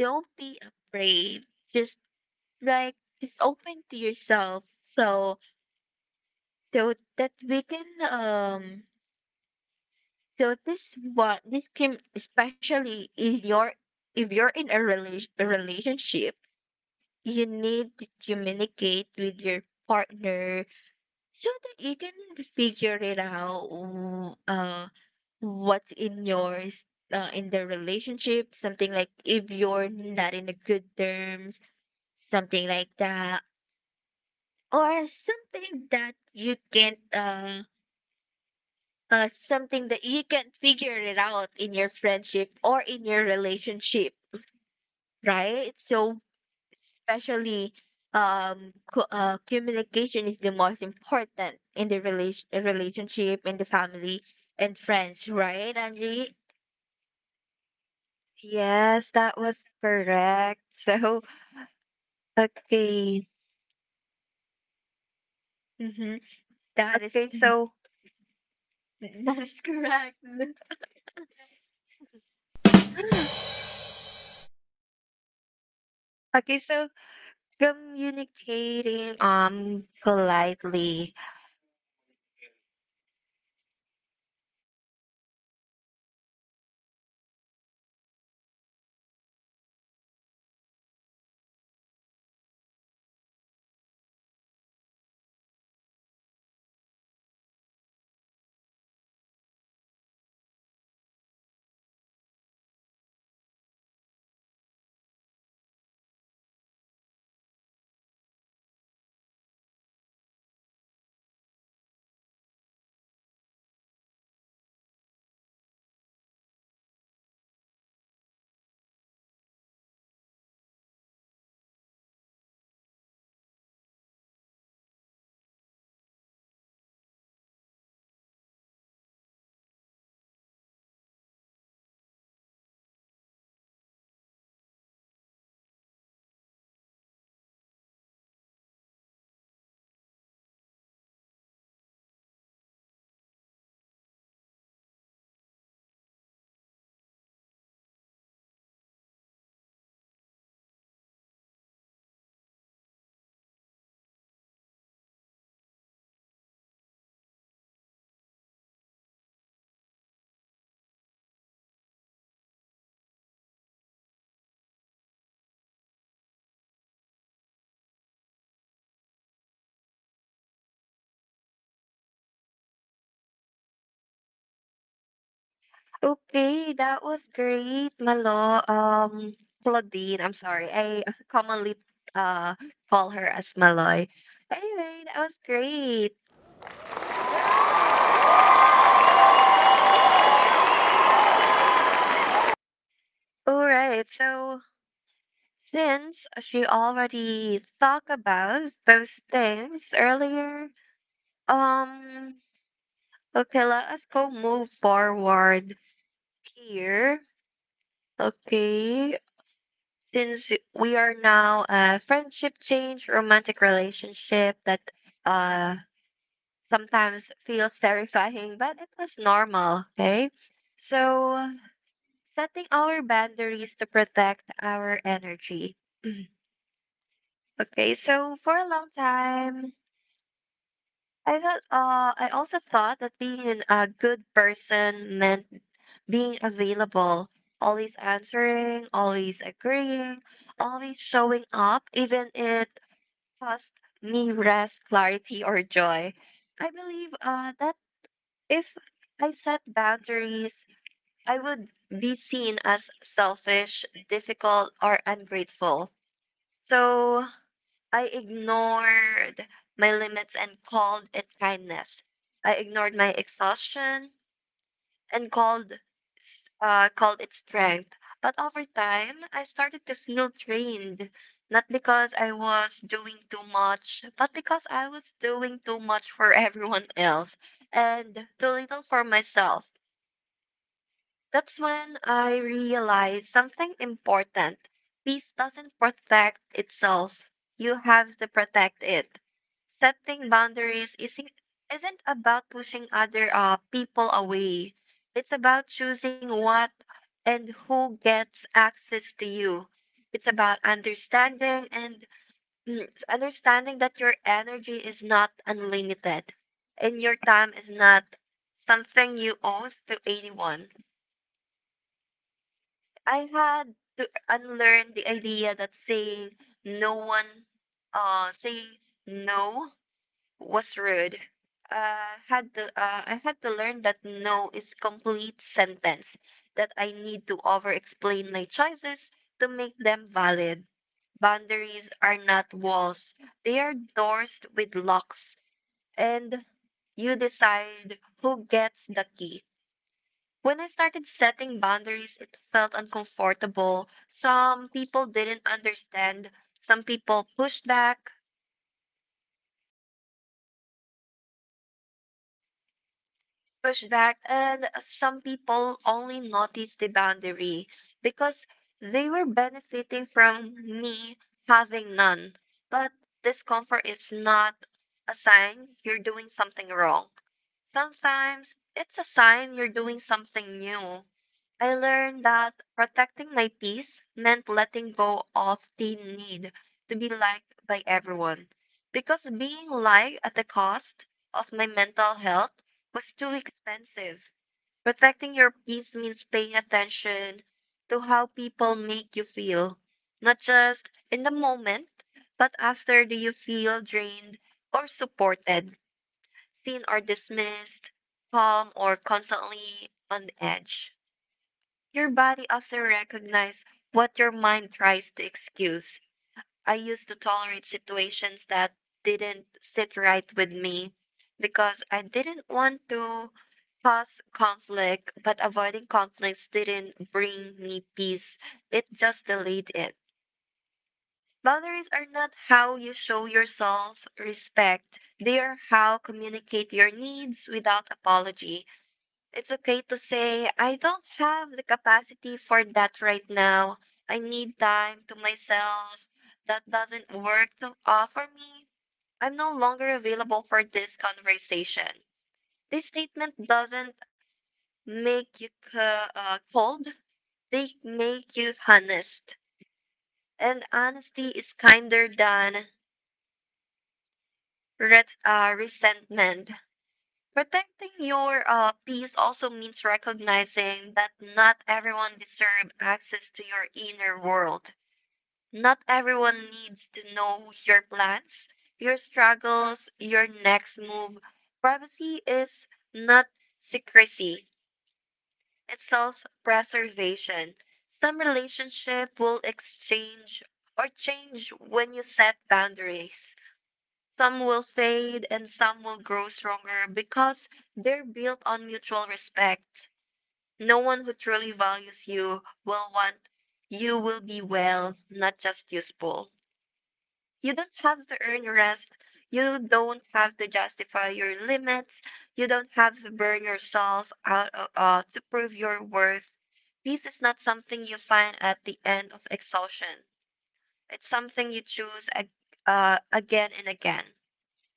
Speaker 2: don't be afraid, just like, just open to yourself. So that we can, so this one, this can especially is your, if you're in a relationship, you need to communicate with your partner, so that you can figure it out, what's in yours, in the relationship, something like if you're not in a good terms, something like that, or something that you can't something that you can figure it out in your friendship or in your relationship, right? So, especially, communication is the most important in the relationship, in the family and friends, right, Angie?
Speaker 1: Yes, that was correct. So okay,
Speaker 2: Mm-hmm. That is
Speaker 1: okay. So
Speaker 2: that is correct.
Speaker 1: okay. So communicating politely. Okay, that was great, Malo. Claudine, I'm sorry. I commonly uh call her as Maloy. Anyway, that was great. All right, so since she already talked about those things earlier, um, okay, let us go move forward here. Okay, since we are now a friendship change, romantic relationship that uh sometimes feels terrifying, but it was normal, okay? So, setting our boundaries to protect our energy. Okay, so for a long time,
Speaker 3: Um, I
Speaker 1: I also
Speaker 3: also
Speaker 1: thought
Speaker 3: thought that
Speaker 1: that being an, a
Speaker 3: good
Speaker 1: good
Speaker 3: person
Speaker 1: person meant
Speaker 3: being
Speaker 1: being
Speaker 3: available,
Speaker 1: available,
Speaker 3: always
Speaker 1: always answering,
Speaker 3: answering, always
Speaker 1: always
Speaker 3: agreeing, yeah,
Speaker 1: agreeing, always
Speaker 3: always
Speaker 1: showing
Speaker 3: showing up,
Speaker 1: up,
Speaker 3: even
Speaker 1: even
Speaker 3: if
Speaker 1: if
Speaker 3: it
Speaker 1: it
Speaker 3: costs
Speaker 1: cost me
Speaker 3: rest,
Speaker 1: rest, clarity,
Speaker 3: clarity, or
Speaker 1: or joy. I believe that if I set boundaries, I would be seen as selfish, difficult, or ungrateful. So I ignored my limits and called it kindness. I ignored my exhaustion and called called it strength. But over time, I started to feel drained, not because I was doing too much, but because I was doing too much for everyone else and too little for myself. That's when I realized something important. Peace doesn't protect itself. You have to protect it. Setting boundaries isn't about pushing other people away. It's about choosing what and who gets access to you. It's about understanding that your energy is not unlimited and your time is not something you owe to anyone. I had to unlearn the idea that no one, saying no was rude. I had to learn that no is complete sentence, that I need to over explain my choices to make them valid. Boundaries are not walls, they are doors with locks, and you decide who gets the key. When I started setting boundaries, it felt uncomfortable. Some people didn't understand, some people pushed back, pushback, and some people only noticed the boundary because they were benefiting from me having none. But discomfort is not a sign you're doing something wrong. Sometimes it's a sign you're doing something new. I learned that protecting my peace meant letting go of the need to be liked by everyone, because being liked at the cost of my mental health was too expensive. Protecting your peace means paying attention to how people make you feel, not just in the moment, but after. Do you feel drained or supported, seen or dismissed, calm or constantly on edge? Your body often recognizes what your mind tries to excuse. I used to tolerate situations that didn't sit right with me because I didn't want to cause conflict, but avoiding conflicts didn't bring me peace. It just delayed it. Boundaries are not how you show yourself respect. They are how communicate your needs without apology. It's okay to say, "I don't have the capacity for that right now. I need time to myself. That doesn't work for me. I'm no longer available for this conversation." This statement doesn't make you cold, they make you honest. And honesty is kinder than resentment. Protecting your peace also means recognizing that not everyone deserves access to your inner world. Not everyone needs to know your plans, your struggles, your next move. Privacy is not secrecy, it's self preservation. Some relationship will exchange or change when you set boundaries. Some will fade and some will grow stronger because they're built on mutual respect. No one who truly values you will want you will be well, not just useful. You don't have to earn rest. You don't have to justify your limits. You don't have to burn yourself out to prove your worth. Peace is not something you find at the end of exhaustion. It's something you choose again and again.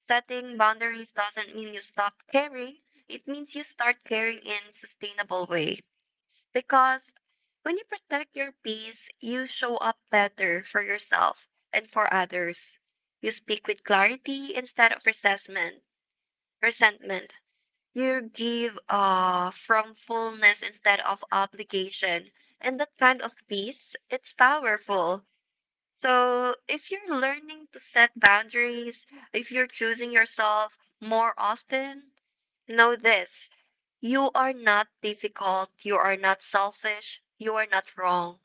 Speaker 1: Setting boundaries doesn't mean you stop caring. It means you start caring in a sustainable way. Because when you protect your peace, you show up better for yourself and for others. You speak with clarity instead of resentment. Resentment. You give from fullness instead of obligation. And that kind of peace, it's powerful. So, if you're learning to set boundaries, if you're choosing yourself more often, know this: you are not difficult, you are not selfish, you are not wrong.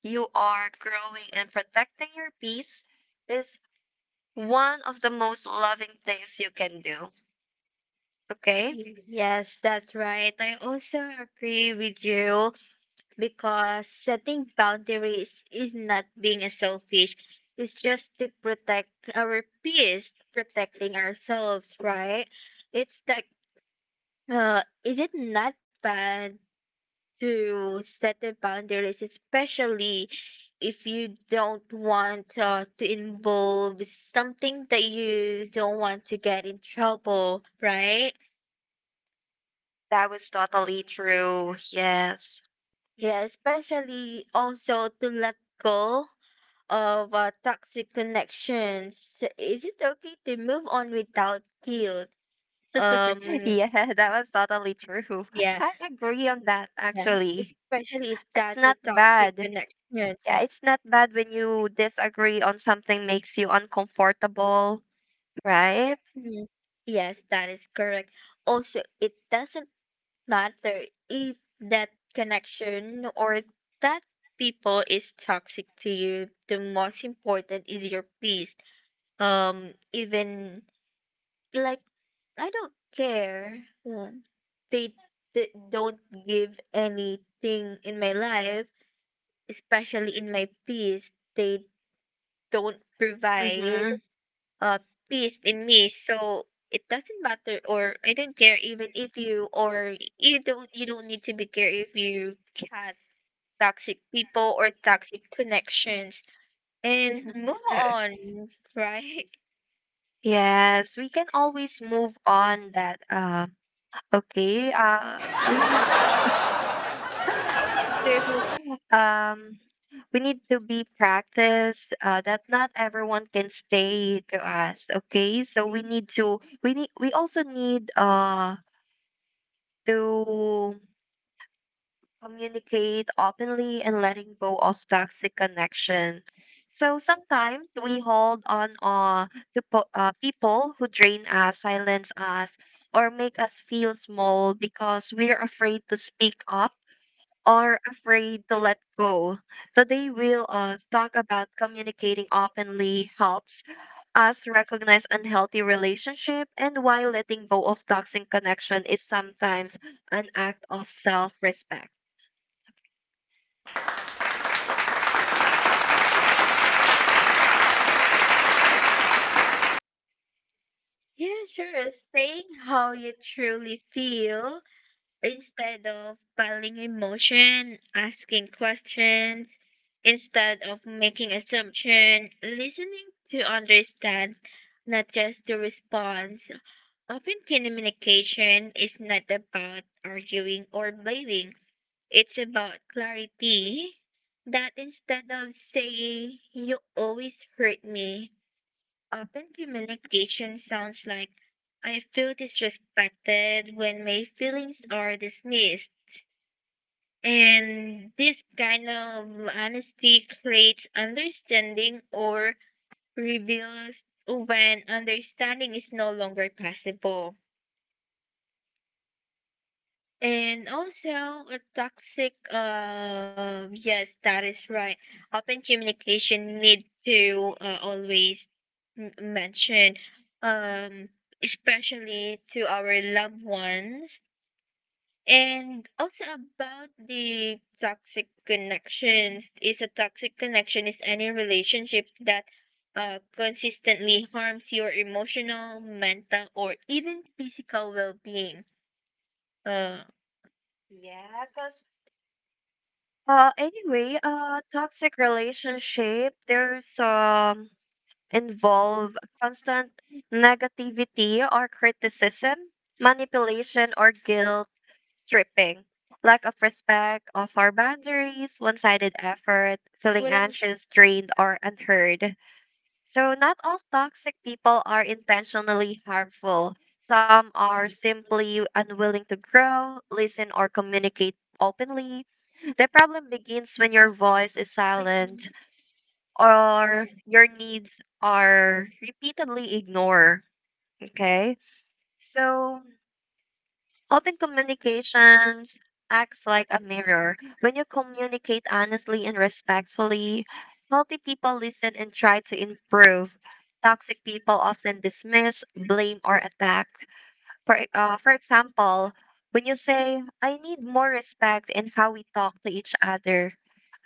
Speaker 1: You are growing and protecting your peace is one of the most loving things you can do. Okay?
Speaker 2: Yes, that's right. I also agree with you. Because setting boundaries is not being a selfish, it's just to protect our peace, protecting ourselves, right? It's like, is it not bad to set the boundaries, especially if you don't want, to involve something that you don't want to get in trouble, right?
Speaker 1: That was totally true. Yes.
Speaker 2: Yeah, especially also to let go of, toxic connections. So, is it okay to move on without guilt? Um,
Speaker 1: Yeah, that was totally true.
Speaker 2: yeah,
Speaker 1: I agree on that,
Speaker 2: yeah,
Speaker 1: actually.
Speaker 2: especially if
Speaker 1: It's
Speaker 2: that's a
Speaker 1: not
Speaker 2: toxic
Speaker 1: bad.
Speaker 2: connection.
Speaker 1: Yeah, it's not bad when you disagree on something makes you uncomfortable, right?
Speaker 2: Mhm. Yes, that is correct. Also, it doesn't matter if that connection or that people is toxic to you. The most important is your peace. Even, like, I don't care. uh, They, they don't give anything in my life, especially in my peace. They don't provide
Speaker 1: Mm-hmm.
Speaker 2: uh peace in me. So it doesn't matter, or I don't care, even if you don't need to be care if you had toxic people or toxic connections and move on, right?
Speaker 1: Yes, we can always move on that okay, we need we need to um we need to be practiced that not everyone can stay to us, okay, so we also need to communicate openly and letting go of toxic connection. So sometimes we hold on to people who drain us, silence us, or make us feel small because we're afraid to speak up or afraid to let go. Today we'll talk about communicating openly helps us recognize unhealthy relationship and why letting go of toxic connection is sometimes an act of self-respect.
Speaker 2: Yeah, sure. Saying how you truly feel instead of filing emotion, asking questions, instead of making assumption, listening to understand, not just the response. Often communication is not about arguing or blaming. It's about clarity. That instead of saying you always hurt me, often communication sounds like, I feel disrespected when my feelings are dismissed, and this kind of honesty creates understanding, or reveals when understanding is no longer possible. And also, yes, that is right. Open communication need to, always mention, um, especially to our loved ones. And also about the toxic connections is, a toxic connection is any relationship that, consistently harms your emotional, mental, or even physical well-being. Uh,
Speaker 1: Anyway, toxic relationship, there's involve constant negativity or criticism, manipulation or guilt tripping, lack of respect of our boundaries, one-sided effort, feeling
Speaker 2: walang.
Speaker 1: anxious, drained, or unheard. So not all toxic people are intentionally harmful. Some are simply unwilling to grow, listen, or communicate openly. The problem begins when your voice is silent or your needs are repeatedly ignored. Okay? So, open communications acts like a mirror. When you communicate honestly and respectfully, healthy people listen and try to improve. Toxic people often dismiss, blame, or attack. For example, when you say, "I need more respect in how we talk to each other,"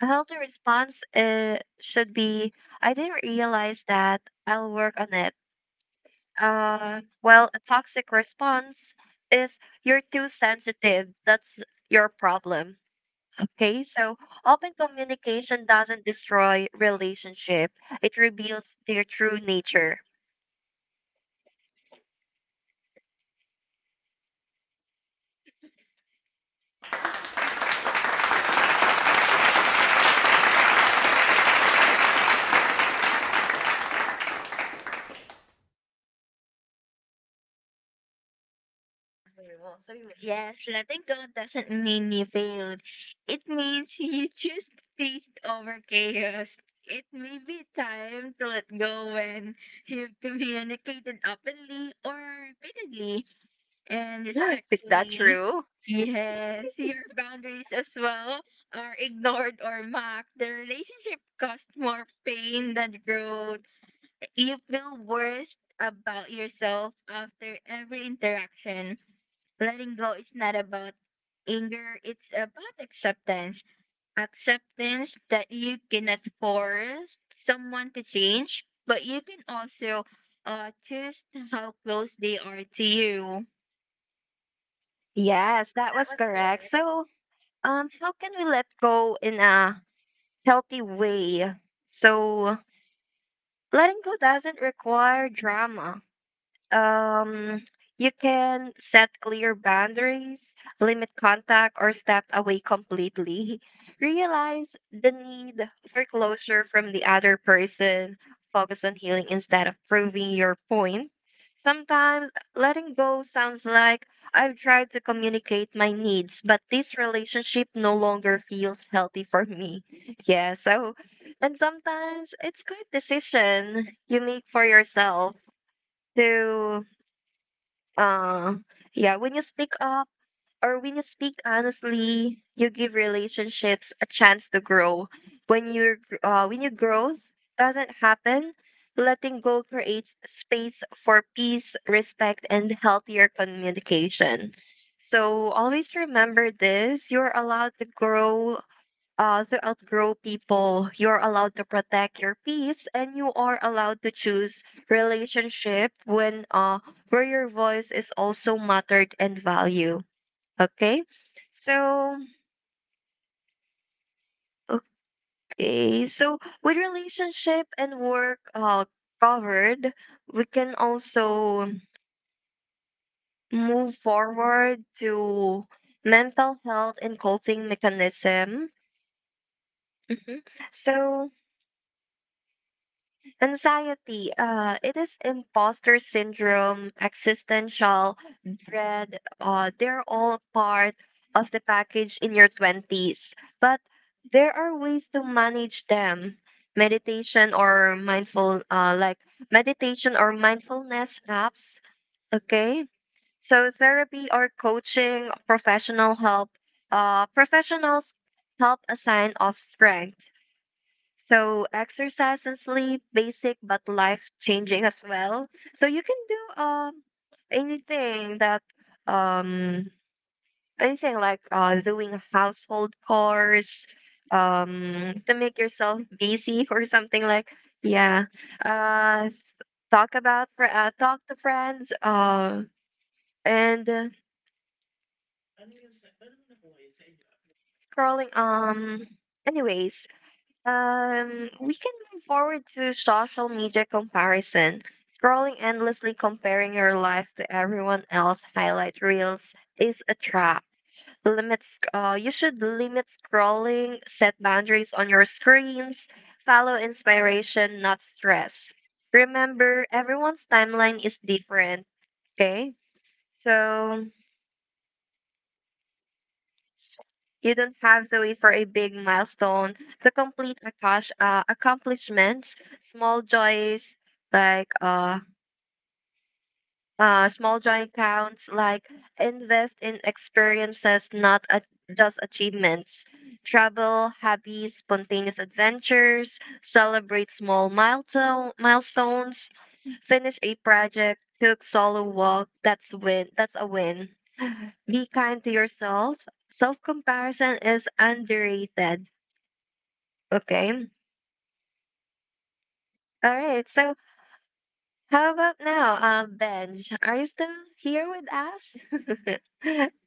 Speaker 1: a healthy response should be, "I didn't realize that. I'll work on it." Well, a toxic response is, "You're too sensitive. That's your problem." Okay, so open communication doesn't destroy relationship. It reveals their true nature.
Speaker 2: Yes, letting go doesn't mean you failed. It means you choose peace over chaos. It may be time to let go when you've communicated openly or repeatedly and
Speaker 1: Is that
Speaker 2: respectfully.
Speaker 1: true?
Speaker 2: Yes, your boundaries as well are ignored or mocked. The relationship caused more pain than growth. You feel worse about yourself after every interaction. Letting go is not about anger, it's about acceptance. Acceptance that you cannot force someone to change, but you can also, choose how close they are to you.
Speaker 1: Yes, that was correct. So, how can we let go in a healthy way? So, letting go doesn't require drama um, you can set clear boundaries, limit contact, or step away completely. Realize the need for closure from the other person. Focus on healing instead of proving your point. Sometimes letting go sounds like, "I've tried to communicate my needs, but this relationship no longer feels healthy for me." Yeah, so, and sometimes it's good decision you make for yourself to uh yeah, when you speak up or when you speak honestly, you give relationships a chance to grow. When your growth doesn't happen, letting go creates space for peace, respect, and healthier communication. So always remember this: you're allowed to grow, to outgrow people. You're allowed to protect your peace, and you are allowed to choose relationship when where your voice is also mattered and value. Okay, so with relationship and work covered, we can also move forward to mental health and coping mechanism. Mhm. So anxiety, it is imposter syndrome, existential dread. They're all part of the package in your 20s, but there are ways to manage them. Meditation or mindful, uh, like Meditation or mindfulness apps. Okay, so therapy or coaching, professional help. Professionals help a sign of strength. So exercise and sleep, basic but life changing as well. So you can do anything that um anything like doing household chores to make yourself busy or something like yeah. uh talk to friends and scrolling. Anyways, we can move forward to social media comparison. Scrolling endlessly comparing your life to everyone else highlight reels is a trap. Limits You should limit scrolling, set boundaries on your screens, follow inspiration, not stress. Remember, everyone's timeline is different. Okay? So you don't have to wait for a big milestone to accomplishments. Small joys like small joy counts. Like invest in experiences, not a- just achievements. Travel, hobbies, spontaneous adventures. Celebrate small milestones. Finish a project. Took solo walk. That's a win. Be kind to yourself. Self comparison is underrated. Okay. All right. So, how about now, Benj? Are you still here with us?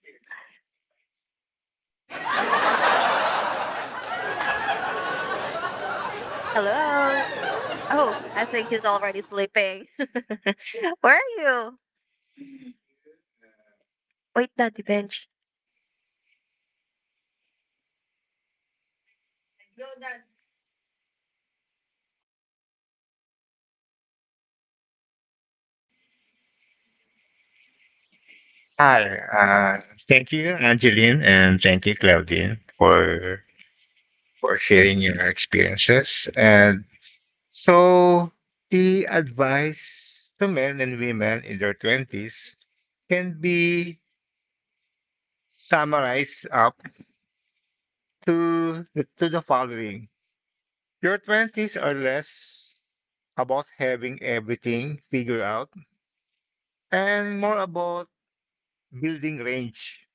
Speaker 1: Hello. Oh, I think he's already sleeping. Where are you? Wait, Daddy Benj.
Speaker 3: hi, uh, thank you, Angeline, and thank you, Claudine, for sharing your experiences. And so, the advice to men and women in their twenties can be summarized up to to the following: your twenties are less about having everything figured out and more about building range.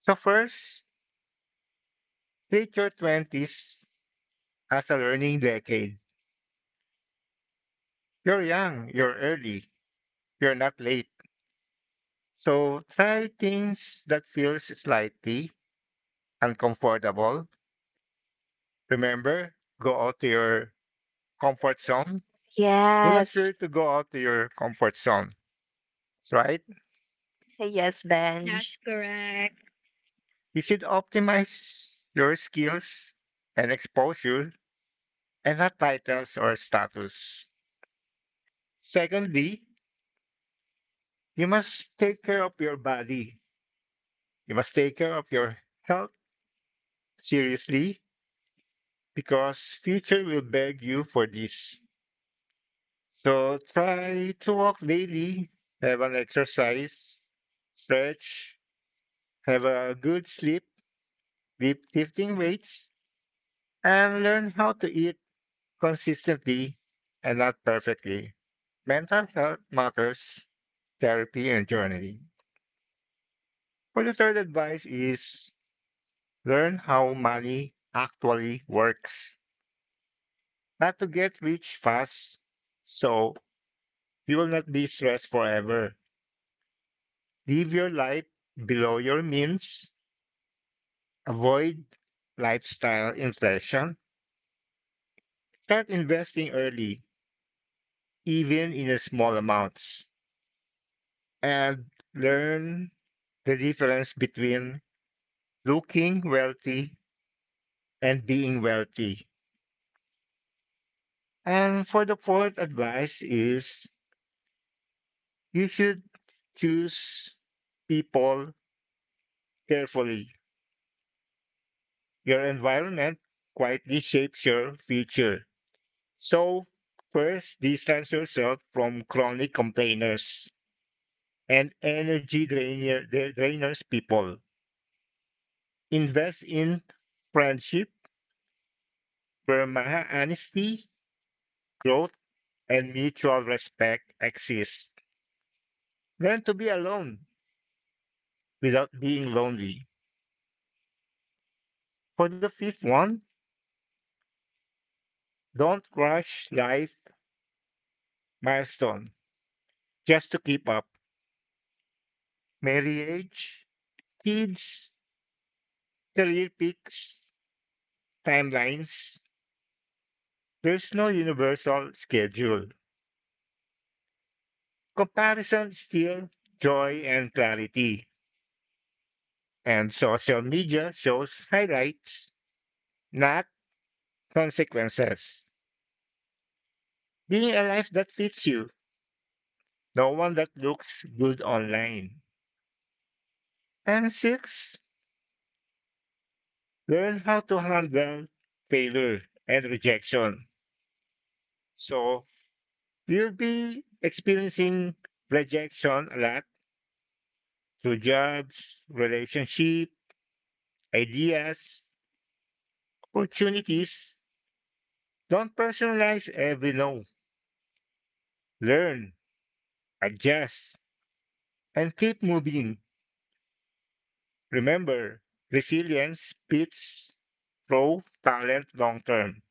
Speaker 3: So first, treat your 20s as a learning decade. You're young, you're early, you're not late. So try things that feels slightly uncomfortable. Remember, go out to your comfort zone. Do not
Speaker 1: Yes.
Speaker 3: fear to go out to your comfort zone, right?
Speaker 1: Yes,
Speaker 2: That's
Speaker 1: Benj.
Speaker 2: correct.
Speaker 3: You should optimize your skills and exposure, and not titles or status. Secondly, you must take care of your body. You must take care of your health seriously because future will beg you for this. So try to walk daily, have an exercise, stretch, have a good sleep, keep lifting weights, and learn how to eat consistently and not perfectly. Mental health matters, therapy and journaling. For the third advice is learn how money actually works. Not to get rich fast, so you will not be stressed forever. Live your life below your means. Avoid lifestyle inflation. Start investing early, even in a small amounts. And learn the difference between looking wealthy and being wealthy. And for the fourth advice is you should choose people carefully. Your environment quietly shapes your future. So, first, distance yourself from chronic complainers and drainers people. Invest in friendship where honesty, growth, and mutual respect exist. Learn to be alone without being lonely. For the fifth one, don't rush life milestone just to keep up. Marriage, kids, career picks, timelines. There's no universal schedule. Comparison steals joy and clarity, and social media shows highlights, not consequences. Being a life that fits you, no one that looks good online. And six, learn how to handle failure and rejection. So you'll be experiencing rejection a lot through jobs, relationship, ideas, opportunities. Don't personalize every no. Learn, adjust, and keep moving. Remember, resilience beats pro talent long term.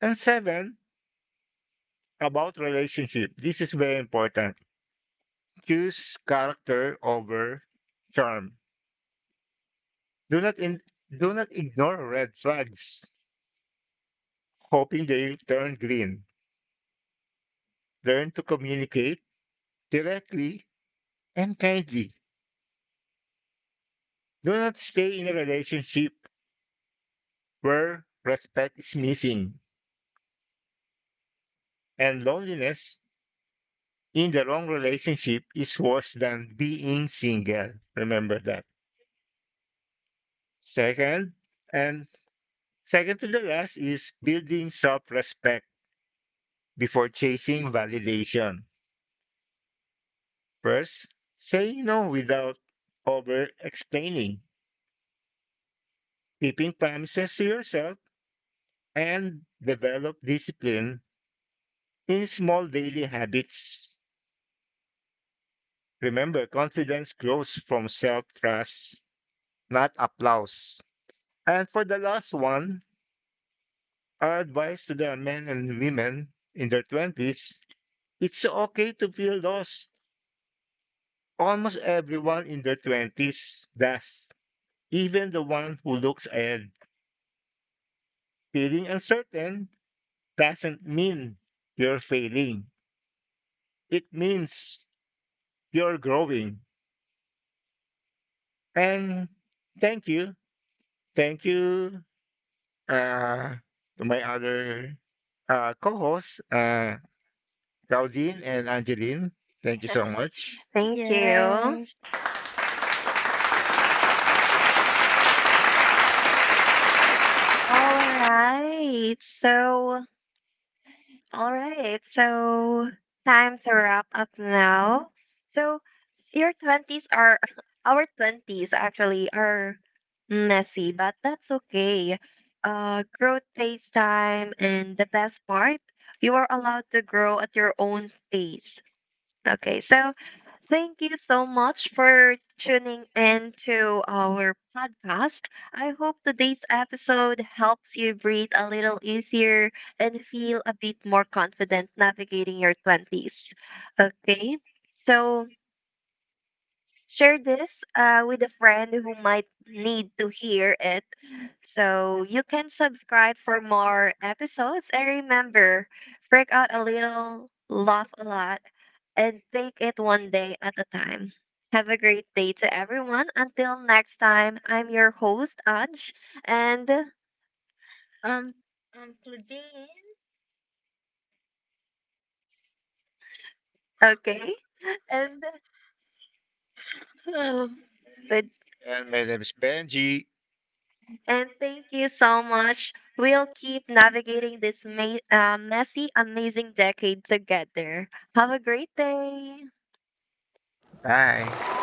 Speaker 3: And seven, about relationship. This is very important. Choose character over charm. Do not in, do not ignore red flags, hoping they turn green. Learn to communicate directly and kindly. Do not stay in a relationship where respect is missing. And loneliness in the wrong relationship is worse than being single. Remember that. Second, and second to the last is building self respect before chasing validation. First, saying no without over explaining, keeping promises to yourself, and develop discipline in small daily habits. Remember, confidence grows from self trust, not applause. And for the last one, our advice to the men and women in their 20s, it's okay to feel lost. Almost everyone in their 20s does, even the one who looks ahead. Feeling uncertain doesn't mean you're failing, it means you're growing. And thank you. Thank you uh, to my other co hosts, Claudine and Angeline. Thank you so much.
Speaker 1: Thank you.
Speaker 2: Yes.
Speaker 1: All right. So, all right. So, time to wrap up now. So, your 20s are our 20s actually are messy, but that's okay. Growth takes time, and the best part, you are allowed to grow at your own pace. Okay, so thank you so much for tuning in to our podcast. I hope today's episode helps you breathe a little easier and feel a bit more confident navigating your 20s. Okay, so. Share this with a friend who might need to hear it. So you can subscribe for more episodes. And remember, freak out a little, laugh a lot, and take it one day at a time. Have a great day to everyone. Until next time, I'm your host, Anj. And
Speaker 2: Um.
Speaker 1: okay, and with.
Speaker 3: And my name is Benji.
Speaker 1: And thank you so much. We'll keep navigating this messy, amazing decade together. Have a great day.
Speaker 3: Bye.